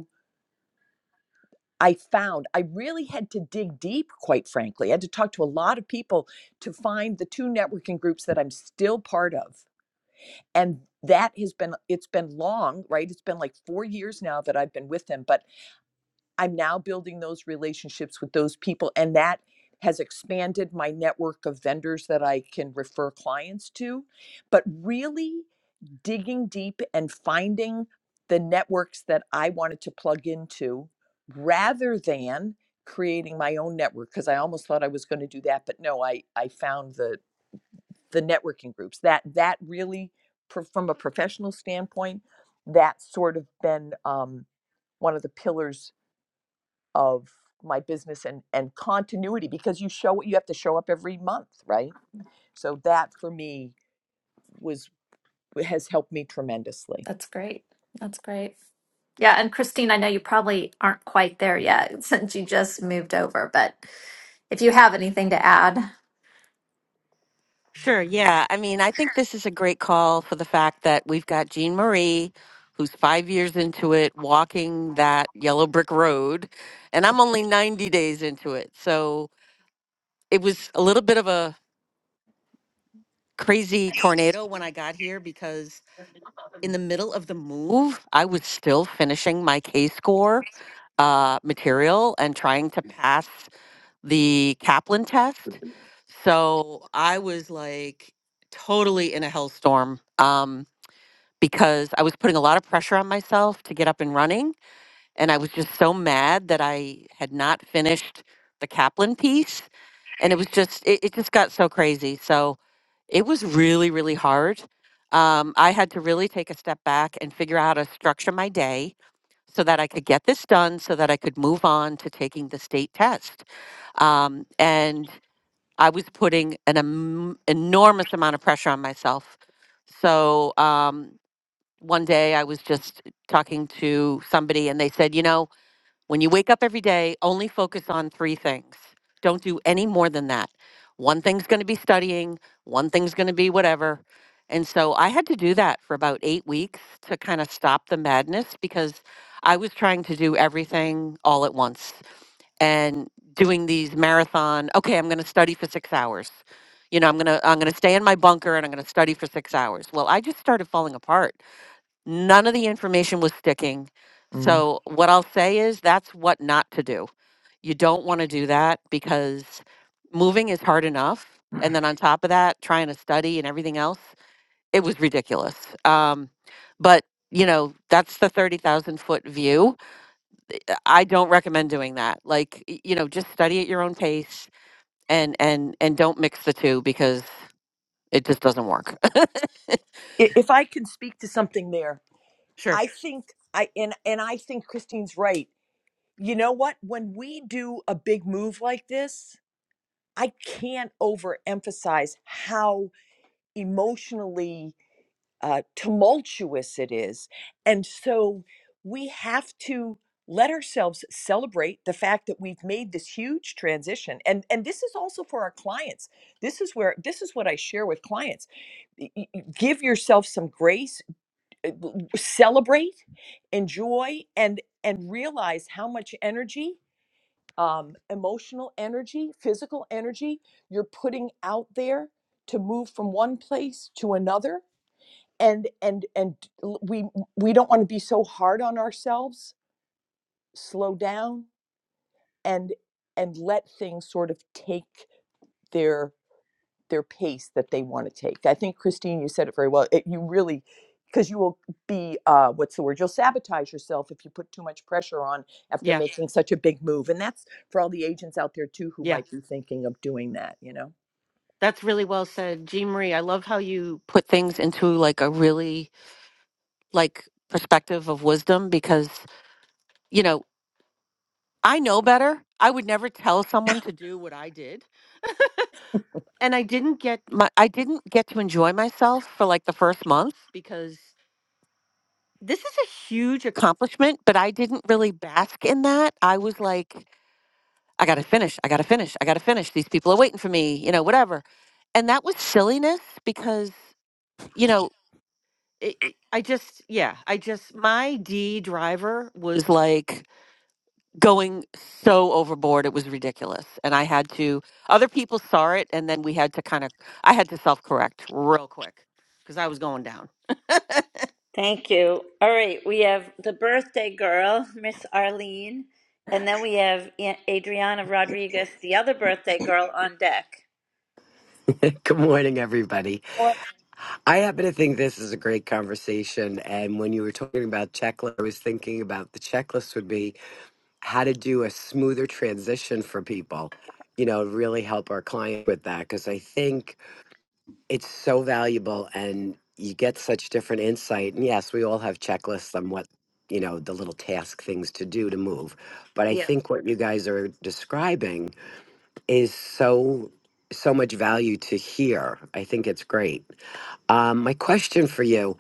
Speaker 8: I found I really had to dig deep, quite frankly. I had to talk to a lot of people to find the two networking groups that I'm still part of. And that has been, it's been long, right? It's been like four years now that I've been with them, but I'm now building those relationships with those people. And that has expanded my network of vendors that I can refer clients to. But really, digging deep and finding the networks that I wanted to plug into rather than creating my own network because I almost thought I was going to do that but no I I found the the networking groups that that really pro- from a professional standpoint that's sort of been um, one of the pillars of my business and and continuity because you show you have to show up every month right so that for me was has helped me tremendously
Speaker 12: That's great. That's great. Yeah, and Christine, I know you probably aren't quite there yet since you just moved over, but if you have anything to add.
Speaker 7: Sure. Yeah. I mean, I think this is a great call for the fact that we've got Jean Marie, who's five years into it, walking that yellow brick road. And I'm only 90 days into it. So it was a little bit of a crazy tornado when I got here because in the middle of the move, I was still finishing my K score uh, material and trying to pass the Kaplan test. So I was like totally in a hellstorm. Um, because I was putting a lot of pressure on myself to get up and running. And I was just so mad that I had not finished the Kaplan piece. And it was just, it, it just got so crazy. So it was really, really hard. Um, I had to really take a step back and figure out how to structure my day so that I could get this done, so that I could move on to taking the state test. Um, and I was putting an em- enormous amount of pressure on myself. So, um, one day I was just talking to somebody and they said, you know, when you wake up every day, only focus on three things. Don't do any more than that. One thing's going to be studying, one thing's going to be whatever. And so I had to do that for about eight weeks to kind of stop the madness because I was trying to do everything all at once and doing these marathon, okay, I'm going to study for six hours. You know, I'm going to I'm going to stay in my bunker and I'm going to study for 6 hours. Well, I just started falling apart None of the information was sticking. So what I'll say is that's what not to do. You don't want to do that because moving is hard enough. And then on top of that, trying to study and everything else, it was ridiculous. Um, but you know, that's the 30,000 foot view. I don't recommend doing that. Like, y- you know, just study at your own pace and, and, and don't mix the two because it just doesn't work.
Speaker 8: i- if I can speak to something there,
Speaker 7: Sure.
Speaker 8: I think I and and I think Christine's right. You know what? When we do a big move like this, I can't overemphasize how emotionally uh, tumultuous it is, and so we have to let ourselves celebrate the fact that we've made this huge transition and and this is also for our clients this is where this is what i share with clients y- y- y- give yourself some grace uh, celebrate enjoy and and realize how much energy um, emotional energy physical energy you're putting out there to move from one place to another and and and l- we we don't want to be so hard on ourselves slow down and and let things sort of take their. their pace that they want to take. I think Christine, you said it very well. It, you really, because you will be uh, what's the word? You'll sabotage yourself if you put too much pressure on after
Speaker 7: Yeah.
Speaker 8: making such a big move. And that's for all the agents out there too who
Speaker 7: Yeah.
Speaker 8: might be thinking of doing that. You know.
Speaker 7: That's really well said, Jean Marie. I love how you put things into like a really like perspective of wisdom because you know I know better. I would never tell someone to do what I did, and I didn't get my I didn't get to enjoy myself for like the first month because this is a huge accomplishment, but I didn't really bask in that. I was like, I gotta finish, I gotta finish, I gotta finish. These people are waiting for me, you know, whatever. And that was silliness because, you know, it, it- I just, yeah, I just, my D driver was like going so overboard. It was ridiculous. And I had to, other people saw it. And then we had to kind of, I had to self correct real quick because I was going down.
Speaker 1: Thank you. All right, we have the birthday girl, Miss Arlene, and then we have A- Adriana Rodriguez, the other birthday girl on deck.
Speaker 13: Good morning, everybody. I happen to think this is a great conversation. And when you were talking about checklist, I was thinking about the checklist would be how to do a smoother transition for people, you know, really help our client with that. Cause I think it's so valuable and you get such different insight. And yes, we all have checklists on what, you know, the little task things to do to move. But I
Speaker 1: Yeah.
Speaker 13: think what you guys are describing is so, so much value to hear. I think it's great. Um, my question for you,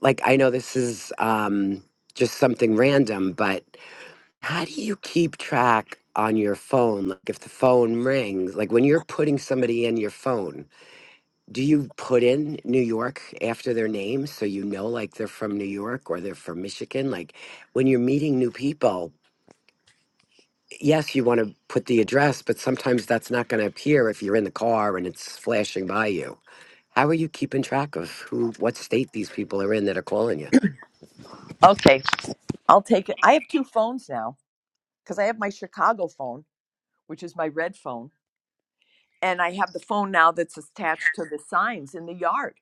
Speaker 13: like I know this is um, just something random, but how do you keep track on your phone? Like if the phone rings, like when you're putting somebody in your phone, do you put in New York after their name so you know like they're from New York or they're from Michigan? Like when you're meeting new people, yes, you want to put the address, but sometimes that's not going to appear if you're in the car and it's flashing by you. How are you keeping track of who, what state these people are in that are calling you?
Speaker 8: Okay, I'll take it. I have two phones now because I have my Chicago phone, which is my red phone, and I have the phone now that's attached to the signs in the yard.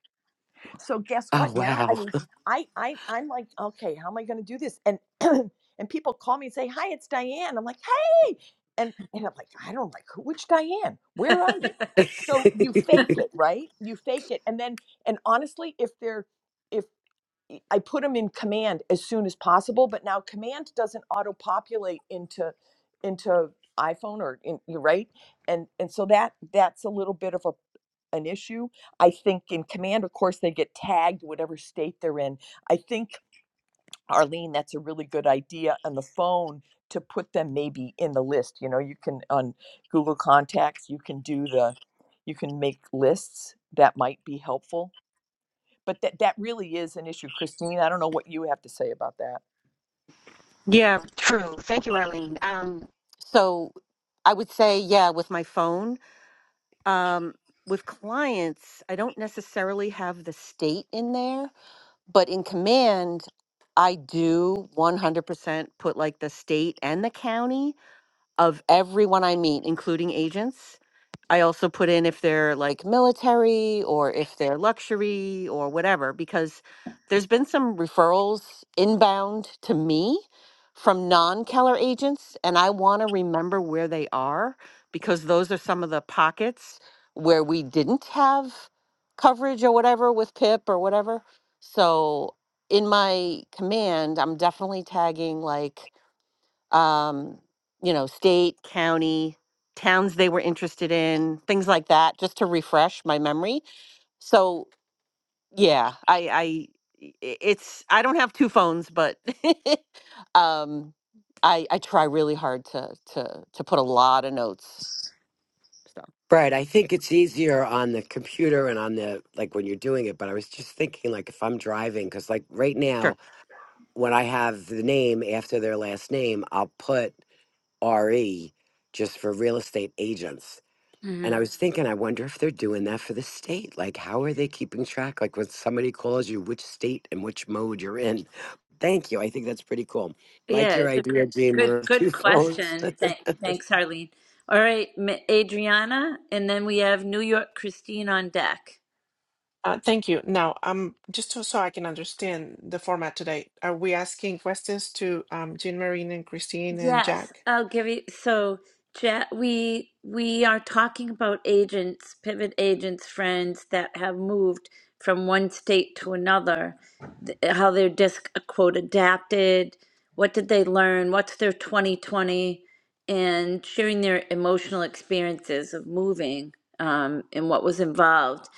Speaker 8: so guess
Speaker 13: Oh
Speaker 8: what now i
Speaker 13: wow.
Speaker 8: mean i i i'm like okay how am i going to do this and and people call me and say hi it's diane i'm like hey and and i'm like i don't like who which diane where are you so you fake it right you fake it and then and honestly if they're if I put them in command as soon as possible but now command doesn't auto populate into into iphone or in you right and and so that that's a little bit of a an issue. I think in command, of course, they get tagged whatever state they're in. I think, Arlene, that's a really good idea on the phone to put them maybe in the list. You know, you can on Google Contacts, you can do the, you can make lists that might be helpful. But that, that really is an issue. Christine, I don't know what you have to say about that.
Speaker 7: Yeah, true. Thank you, Arlene. Um, So I would say, yeah, with my phone, um, with clients, I don't necessarily have the state in there. but in command i do 100% put like the state and the county of everyone i meet including agents I also put in if they're like military or if they're luxury or whatever, because there's been some referrals inbound to me from non Keller agents, and I want to remember where they are because those are some of the pockets where we didn't have coverage or whatever with PIP or whatever. So in my command, I'm definitely tagging like um, you know, state, county, towns they were interested in, things like that, just to refresh my memory. So yeah, I, I i- it's I don't have two phones, but um, I I try really hard to to to put a lot of notes. So
Speaker 13: right. I think it's easier on the computer and on the like when you're doing it, but I was just thinking like if I'm driving cuz like right now
Speaker 7: sure,
Speaker 13: when I have the name after their last name, I'll put RE just for real estate agents.
Speaker 1: mm-hmm.
Speaker 13: And I was thinking, I wonder if they're doing that for the state. Like, how are they keeping track? Like, when somebody calls you, which state and which mode you're in. Thank you. I think that's pretty cool.
Speaker 1: Yeah,
Speaker 13: Like your
Speaker 1: it's
Speaker 13: idea, Gene.
Speaker 1: good
Speaker 13: We're two
Speaker 1: good
Speaker 13: phones.
Speaker 1: question. Thank, thanks, Harleen. All right, M- Adriana, and then we have New York Christine on deck.
Speaker 14: Uh, thank you. Now, um, just so, so I can understand the format today, are we asking questions to um, Jean Marine and Christine and
Speaker 1: Yes,
Speaker 14: Jack?
Speaker 1: I'll give you. So, Ja we we are talking about agents, pivot agents, friends that have moved from one state to another, th- how their disc uh, quote adapted, what did they learn, what's their 2020, and sharing their emotional experiences of moving um, and what was involved.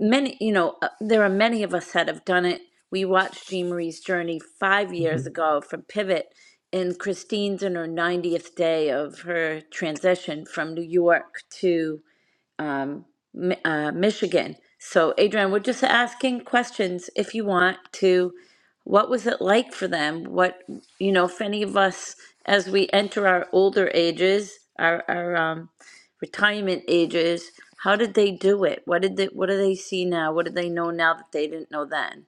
Speaker 1: Many, you know, uh, there are many of us that have done it. We watched Jean Marie's journey five years ago from Pivot and Christine's in her 90th day of her transition from New York to um, Mi- uh, Michigan. So, Adrian, we're just asking questions if you want to. What was it like for them? What, you know, if any of us, as we enter our older ages, our, our um, retirement ages, how did they do it? What did they, what do they see now? What do they know now that they didn't know then?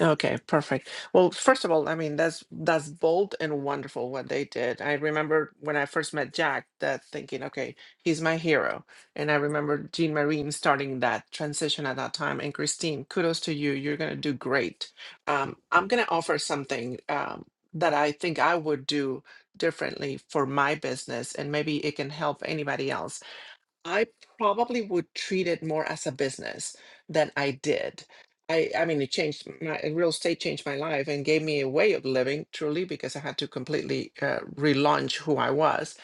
Speaker 14: Okay, perfect. Well, first of all, I mean that's that's bold and wonderful what they did. I remember when I first met Jack that thinking, okay, he's my hero. And I remember Jean Marine starting that transition at that time. And Christine, kudos to you. You're gonna do great. Um, I'm gonna offer something um, that I think I would do differently for my business, and maybe it can help anybody else I probably would treat it more as a business than I did. I, I mean, it changed my real estate changed my life and gave me a way of living truly because I had to completely uh, relaunch who I was.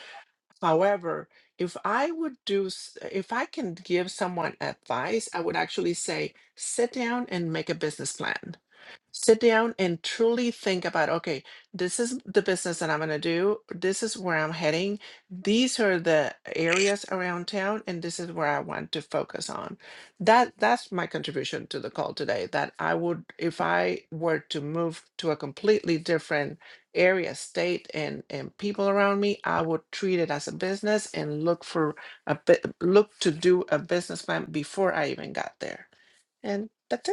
Speaker 14: However, if I would do, s- if I can give someone advice, I would actually say, sit down and make a business plan sit down and truly think about okay this is the business that i'm going to do this is where i'm heading these are the areas around town and this is where i want to focus on that that's my contribution to the call today that i would if i were to move to a completely different area state and and people around me i would treat it as a business and look for a bit look to do a business plan before i even got there and that's it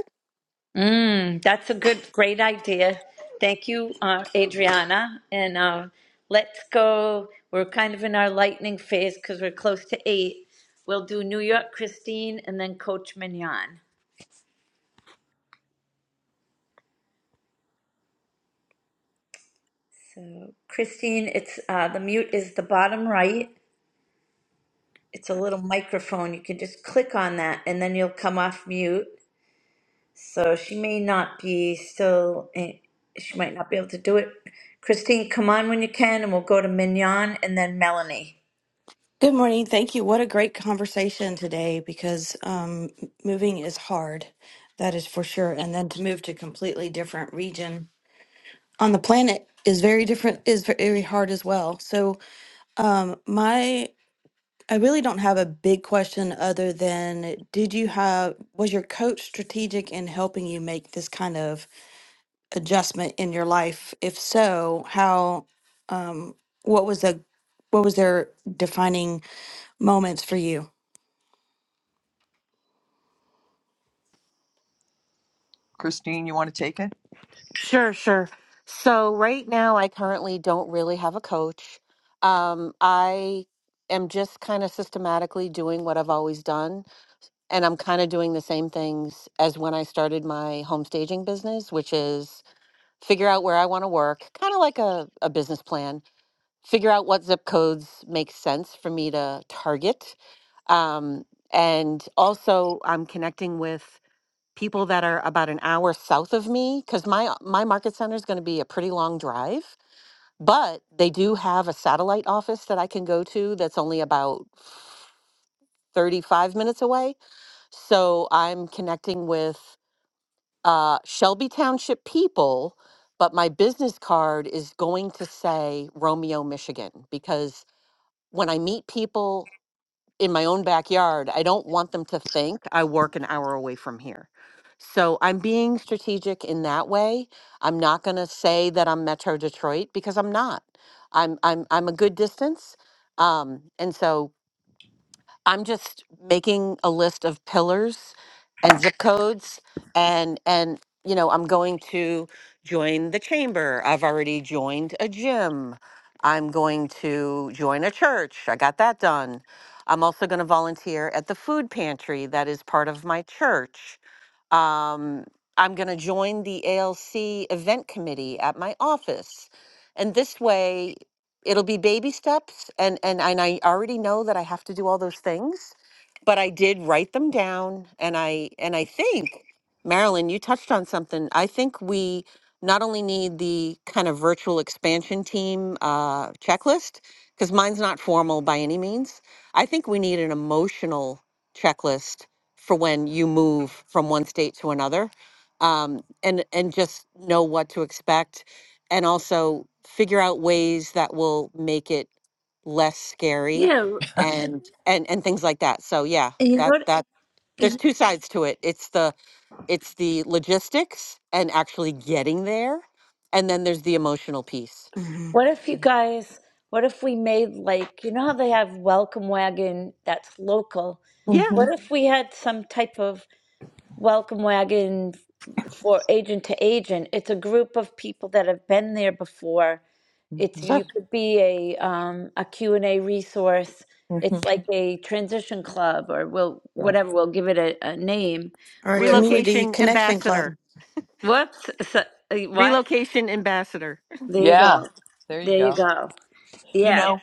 Speaker 1: Mm, that's a good, great idea. Thank you, uh, Adriana. And uh, let's go. We're kind of in our lightning phase because we're close to eight. We'll do New York Christine and then Coach Mignon. So, Christine, it's uh, the mute is the bottom right. It's a little microphone. You can just click on that and then you'll come off mute. So, she may not be still, eh, she might not be able to do it. Christine, come on when you can, and we'll go to Mignon and then Melanie.
Speaker 15: Good morning. Thank you. What a great conversation today because um, moving is hard. That is for sure. And then to move to a completely different region on the planet is very different, is very hard as well. So, uh, my, I really don't have a big question other than did you have, was your coach strategic in helping you make this kind of adjustment in your life? If so, how, um, what was the, what was their defining moments for you?
Speaker 8: Christine, you want to take it?
Speaker 7: sure, sure. So right now, I currently don't really have a coach. Um, I am just kind of systematically doing what I've always done and I'm kind of doing the same things as when I started my home staging business, which is figure out where I want to work, kind of like a, a business plan, figure out what zip codes make sense for me to target. Um, and also, I'm connecting with people that are about an hour south of me because my my market center is going to be a pretty long drive. But they do have a satellite office that I can go to that's only about 35 minutes away. So I'm connecting with uh, Shelby Township people, but my business card is going to say Romeo, Michigan, because when I meet people in my own backyard, I don't want them to think I work an hour away from here. So I'm being strategic in that way. I'm not going to say that I'm Metro Detroit because I'm not. I'm I'm I'm a good distance. Um, and so I'm just making a list of pillars and zip codes and and you know, I'm going to join the chamber. I've already joined a gym. I'm going to join a church. I got that done. I'm also going to volunteer at the food pantry that is part of my church. Um, I'm going to join the ALC event committee at my office. And this way, it'll be baby steps. And, and, and I already know that I have to do all those things, but I did write them down. And I, and I think, Marilyn, you touched on something. I think we not only need the kind of virtual expansion team uh, checklist, because mine's not formal by any means. I think we need an emotional checklist for when you move from one state to another um, and and just know what to expect and also figure out ways that will make it less scary
Speaker 1: Yeah,
Speaker 7: and and and things like that so yeah
Speaker 1: and you know
Speaker 7: that
Speaker 1: what?
Speaker 7: that there's
Speaker 1: you-
Speaker 7: two sides to it it's the it's the logistics and actually getting there and then there's the emotional piece
Speaker 15: Mm-hmm.
Speaker 1: What if you guys? What if we made like you know how they have welcome wagon that's local?
Speaker 7: yeah
Speaker 8: Mm-hmm.
Speaker 1: What if we had some type of welcome wagon for agent to agent? It's a group of people that have been there before. It's
Speaker 7: sure
Speaker 1: you could be a um, a Q and A resource.
Speaker 8: Mm-hmm.
Speaker 1: It's like a transition club or we'll
Speaker 8: Yeah.
Speaker 1: whatever we'll give it a, a name.
Speaker 15: or a
Speaker 1: Where we-
Speaker 15: community
Speaker 7: relocation
Speaker 15: connection club.
Speaker 7: ambassador
Speaker 1: whoops, so, uh, what?
Speaker 7: relocation ambassador
Speaker 1: There you
Speaker 8: Yeah,
Speaker 1: go.
Speaker 8: there you
Speaker 1: There you
Speaker 8: go.
Speaker 1: go.
Speaker 8: You
Speaker 1: Yeah,
Speaker 8: know,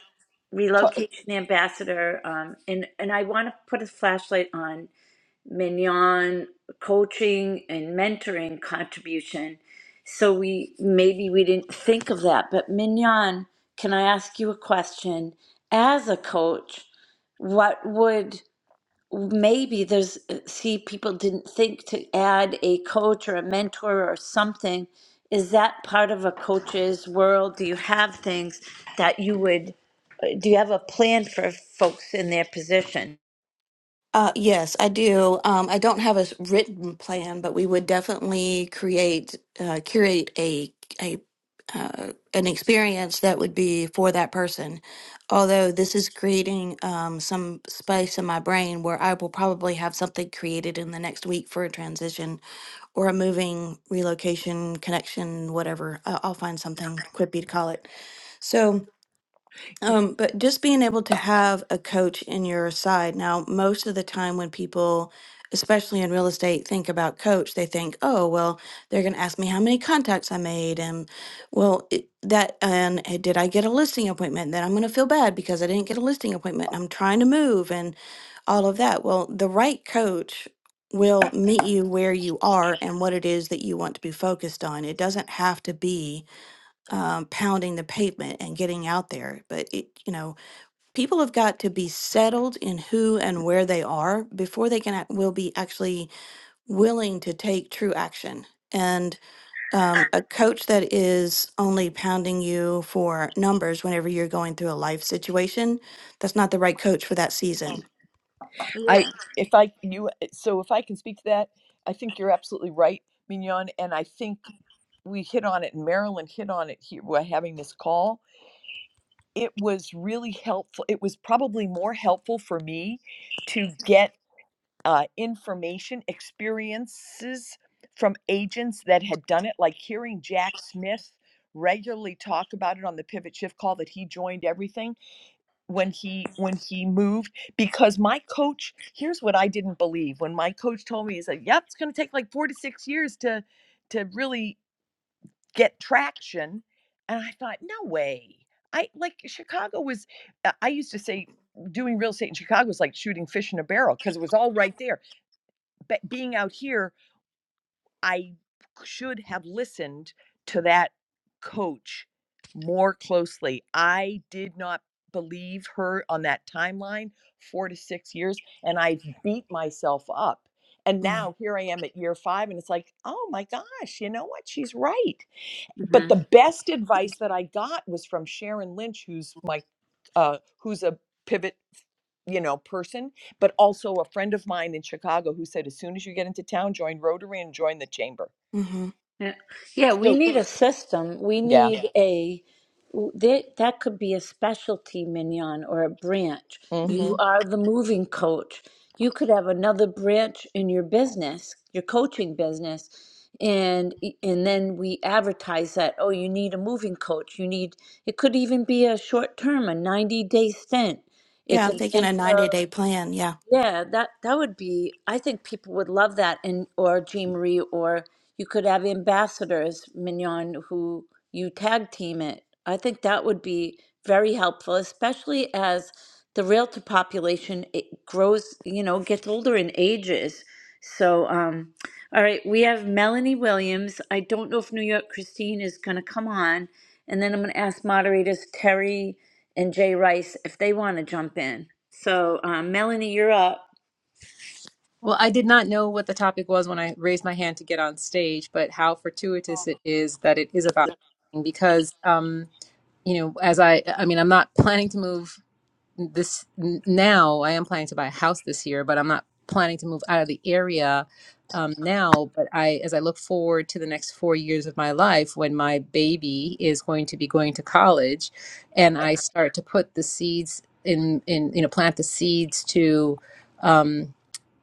Speaker 8: co-
Speaker 1: relocation ambassador um, and and I want to put a flashlight on Mignon coaching and mentoring contribution so we maybe we didn't think of that but Mignon can I ask you a question as a coach what would maybe there's uh, see people didn't think to add a coach or a mentor or something is that part of a coach's world do you have things that you would uh, do you have a plan for folks in their position
Speaker 15: Uh, yes, I do. Um, I don't have a s- written plan, but we would definitely create uh, curate a a uh, an experience that would be for that person. Although this is creating um, some space in my brain where I will probably have something created in the next week for a transition or a moving relocation connection, whatever. I- I'll find something quippy to call it. So. Um, but just being able to have a coach in your side. Now, most of the time when people, especially in real estate, think about coach, they think, oh, well, they're going to ask me how many contacts I made. And well, it, that, and eh, did I get a listing appointment? Then I'm going to feel bad because I didn't get a listing appointment. I'm trying to move and all of that. Well, the right coach will meet you where you are and what it is that you want to be focused on. It doesn't have to be um, pounding the pavement and getting out there. But it, you know, people have got to be settled in who and where they are before they can act- will be actually willing to take true action. And um, a coach that is only pounding you for numbers whenever you're going through a life situation, that's not the right coach for that season.
Speaker 8: I
Speaker 1: yeah
Speaker 8: if I you so if I can speak to that, I think you're absolutely right, Mignon, and I think we hit on it. and Marilyn hit on it here by having this call. It was really helpful. It was probably more helpful for me to get uh, information experiences from agents that had done it, like hearing Jack Smith regularly talk about it on the pivot shift call that he joined everything when he when he moved because my coach here's what I didn't believe when my coach told me he said yep it's going to take like 4 to 6 years to to really get traction and I thought no way I like Chicago was uh, I used to say doing real estate in Chicago was like shooting fish in a barrel because it was all right there but being out here, I should have listened to that coach more closely. I did not believe her on that timeline, four to six years, and I beat myself up. And
Speaker 15: Mm-hmm.
Speaker 8: now here I am at year five, and it's like, oh my gosh, you know what? She's right but the best advice that I got was from Sharon Lynch, who's my uh, who's a pivot, you know, person, but also a friend of mine in Chicago who said, as soon as you get into town, join Rotary and join the chamber.
Speaker 15: Mm-hmm.
Speaker 1: Yeah, yeah, we
Speaker 8: So
Speaker 1: need a system. We
Speaker 8: yeah,
Speaker 1: need Yeah. a that that could be a specialty mignon or a branch.
Speaker 15: Mm-hmm.
Speaker 1: You
Speaker 8: mm-hmm.
Speaker 1: are the moving coach. You could have another branch in your business, your coaching business, and e, and then we advertise that, oh, you need a moving coach. You need it could even be a short term, a 90-day stint.
Speaker 15: Yeah,
Speaker 1: It's
Speaker 15: I'm
Speaker 1: an
Speaker 15: thinking a 90
Speaker 1: intro.
Speaker 15: day plan. Yeah.
Speaker 1: Yeah, that that would be. I think people would love that, and or Jean Marie, or you could have ambassadors, Mignon, who you tag team it. I think that would be very helpful, especially as the realtor population it grows. You know, gets older and ages. So, um, all right, we have Melanie Williams. I don't know if New York Christine is going to come on, and then I'm going to ask moderators Terry and Jay Rice if they want to jump in. So, um, Melanie, you're up.
Speaker 16: Well, I did not know what the topic was when I raised my hand to get on stage, but how fortuitous it is that it is about moving because, um, you know, as I, I mean, I'm not planning to move this n- now. I am planning to buy a house this year, but I'm not planning to move out of the area um, now. But I, as I look forward to the next four years of my life, when my baby is going to be going to college, and I start to put the seeds in, in, you know, plant the seeds to. Um,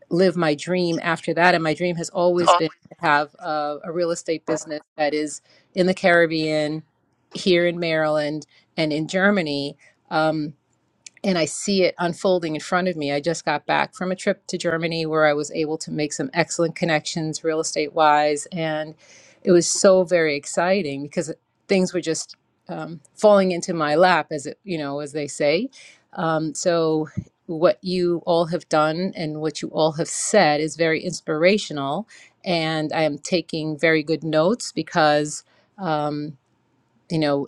Speaker 16: live my dream after that. And my dream has always been to have a, a real estate business that is in the Caribbean, here in Maryland, and in Germany. Um, and I see it unfolding in front of me. I just got back from a trip to Germany where I was able to make some excellent connections real estate wise. And it was so very exciting because things were just um, falling into my lap, as it, you know, as they say. Um, so, what you all have done and what you all have said is very inspirational. And I am taking very good notes because. um, you know,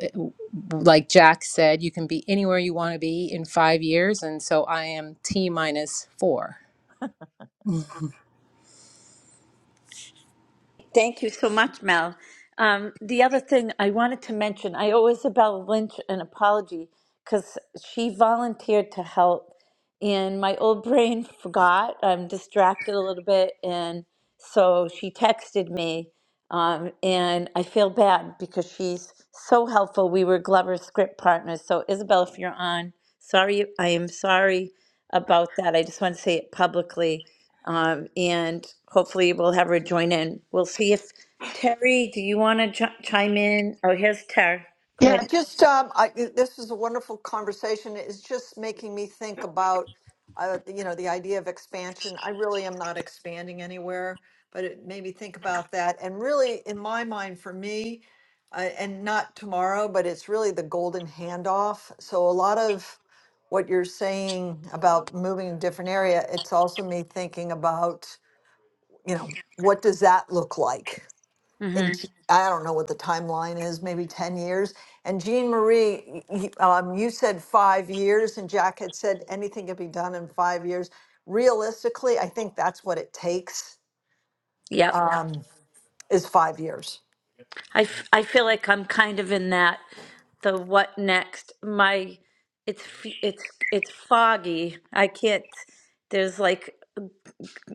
Speaker 16: like Jack said, you can be anywhere you want to be in five years. And so I am T minus four.
Speaker 1: Thank you so much, Mel. Um, the other thing I wanted to mention, I owe Isabella Lynch an apology because she volunteered to help, and my old brain forgot. I'm distracted a little bit, and so she texted me, um, and I feel bad because she's so helpful. We were Glover script partners, so Isabel, if you're on, sorry, I am sorry about that. I just want to say it publicly um, and hopefully we'll have her join in. We'll see if Terry, do you want to ch- chime in? Oh, here's Terry. Go
Speaker 6: Yeah,
Speaker 1: ahead.
Speaker 6: just um, I, this is a wonderful conversation. It's just making me think about, uh, you know, the idea of expansion. I really am not expanding anywhere, but it made me think about that. And really, in my mind, for me, uh, and not tomorrow, but it's really the golden handoff. So a lot of what you're saying about moving in a different area, it's also me thinking about, you know, what does that look like? in
Speaker 1: Mm-hmm.
Speaker 6: t- I don't know what the timeline is, maybe 10 years. And Jean Marie, y- y- um, you said five years, and Jack had said anything could be done in five years. Realistically, I think that's what it takes
Speaker 1: Yep.
Speaker 6: Yeah. um, is five years.
Speaker 1: I, f- I feel like I'm kind of in that the what next. My it's f- it's it's foggy. I can't. There's like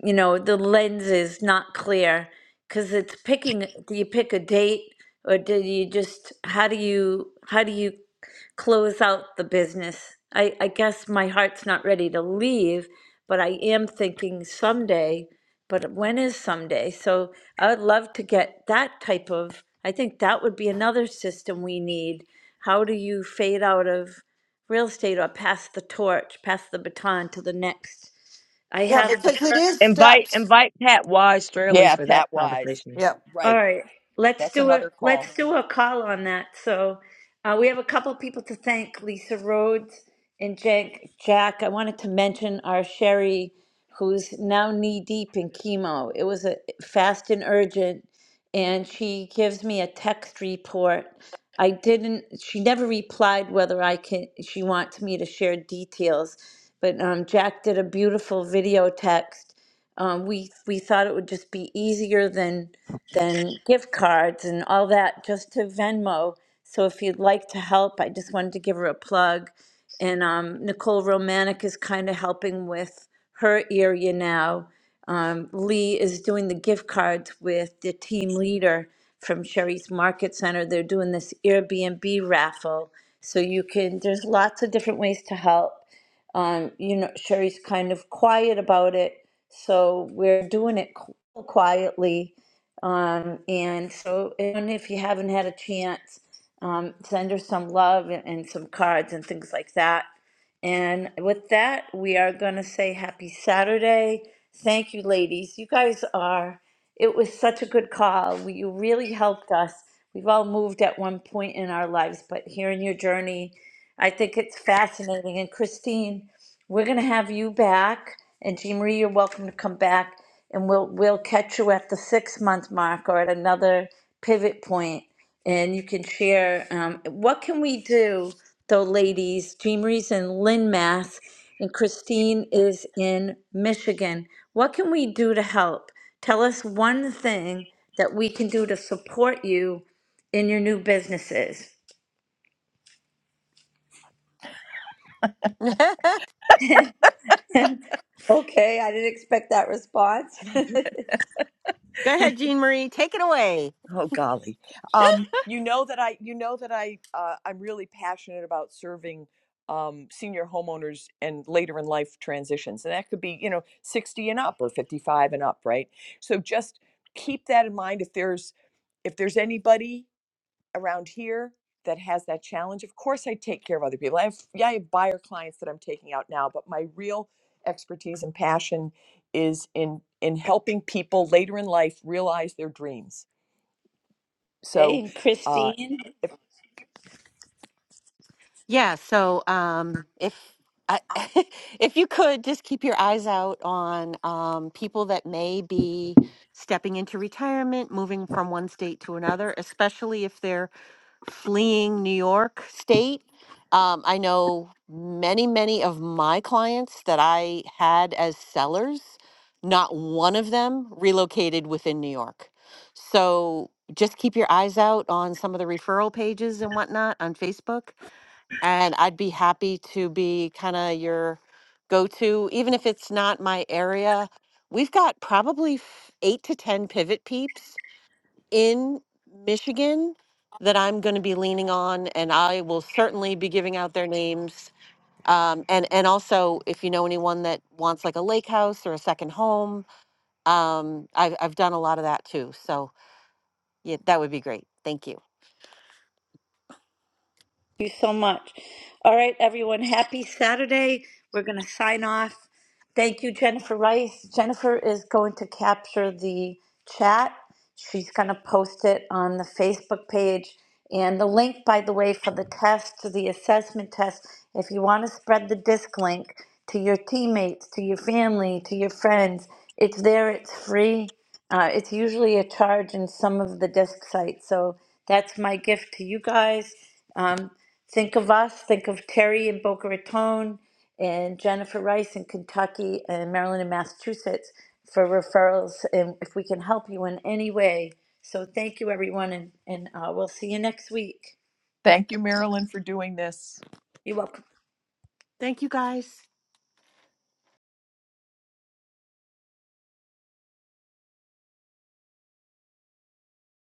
Speaker 1: you know the lens is not clear because it's picking do you pick a date or do you just how do you how do you close out the business i i guess my heart's not ready to leave but i am thinking someday but when is someday so i would love to get that type of i think that would be another system we need how do you fade out of real estate or pass the torch pass the baton to the next i
Speaker 6: Yeah,
Speaker 1: have
Speaker 6: because
Speaker 1: the
Speaker 6: it is
Speaker 4: Invite
Speaker 6: steps.
Speaker 4: invite Pat Wise Straley
Speaker 8: yeah,
Speaker 4: for that
Speaker 8: Pat Wise,
Speaker 4: conversation.
Speaker 6: Yeah.
Speaker 1: All
Speaker 8: right?
Speaker 1: right, let's
Speaker 8: That's
Speaker 1: do a
Speaker 8: another call.
Speaker 1: let's do a call on that. So uh, we have a couple people to thank: Lisa Rhodes and Jack. Jack, I wanted to mention our Sherry, who's now knee deep in chemo. It was a fast and urgent, and she gives me a text report. I didn't. She never replied whether I can. She wants me to share details, but um, Jack did a beautiful video text um, we we thought it would just be easier than than gift cards and all that just to Venmo. So if you'd like to help, I just wanted to give her a plug. And um, Nicole Romanek is kind of helping with her area now. Um, Lee is doing the gift cards with the team leader from Sherry's Market Center. They're doing this Airbnb raffle. So you can, there's lots of different ways to help. Um, you know, Sherry's kind of quiet about it, so we're doing it qu- quietly. Um, and so, and if you haven't had a chance, um, send her some love and, and some cards and things like that. And with that, we are going to say happy Saturday. Thank you, ladies. You guys are, it was such a good call. We, you really helped us. We've all moved at one point in our lives, but hearing your journey I think it's fascinating. And Christine, we're going to have you back, and Jean Marie, you're welcome to come back, and we'll we'll catch you at the six month mark or at another pivot point, and you can share um, what can we do, though, ladies. Jean Marie's in Lynn, Mass, and Christine is in Michigan. What can we do to help? Tell us one thing that we can do to support you in your new businesses.
Speaker 7: go
Speaker 1: Okay, I didn't expect that response.
Speaker 7: ahead jean marie take it away
Speaker 8: Oh golly. Um, you know that I you know that I uh, I'm really passionate about serving um, senior homeowners and later in life transitions. And that could be, you know, 60 and up or 55 and up, right? So just keep that in mind if there's if there's anybody around here that has that challenge. Of course I take care of other people. I have yeah, I have buyer clients that I'm taking out now, but my real expertise and passion is in in helping people later in life realize their dreams
Speaker 1: Hey,
Speaker 8: so
Speaker 1: and
Speaker 8: uh,
Speaker 1: Christine.
Speaker 7: Yeah, so um, if I, if you could just keep your eyes out on um, people that may be stepping into retirement, moving from one state to another, especially if they're fleeing New York State. Um, I know many, many of my clients that I had as sellers, not one of them relocated within New York. So just keep your eyes out on some of the referral pages and whatnot on Facebook and I'd be happy to be kind of your go to, even if it's not my area. We've got probably f- eight to 10 pivot peeps in Michigan that I'm going to be leaning on, and I will certainly be giving out their names. Um, and and also, if you know anyone that wants like a lake house or a second home, um, I've I've done a lot of that too. So yeah, that would be great. Thank you.
Speaker 1: Thank you so much. All right, everyone, happy Saturday. We're going to sign off. Thank you, Jennifer Rice. Jennifer is going to capture the chat. She's going to post it on the Facebook page. And the link, by the way, for the test, the assessment test, if you want to spread the disc link to your teammates, to your family, to your friends, it's there, it's free. Uh, it's usually a charge in some of the disc sites. So that's my gift to you guys. Um, Think of us, think of Terry in Boca Raton and Jennifer Rice in Kentucky and Maryland and Massachusetts for referrals and if we can help you in any way. So thank you, everyone, and, and uh, we'll see you next week.
Speaker 8: thank you, Marilyn, for doing this.
Speaker 7: Thank you, guys.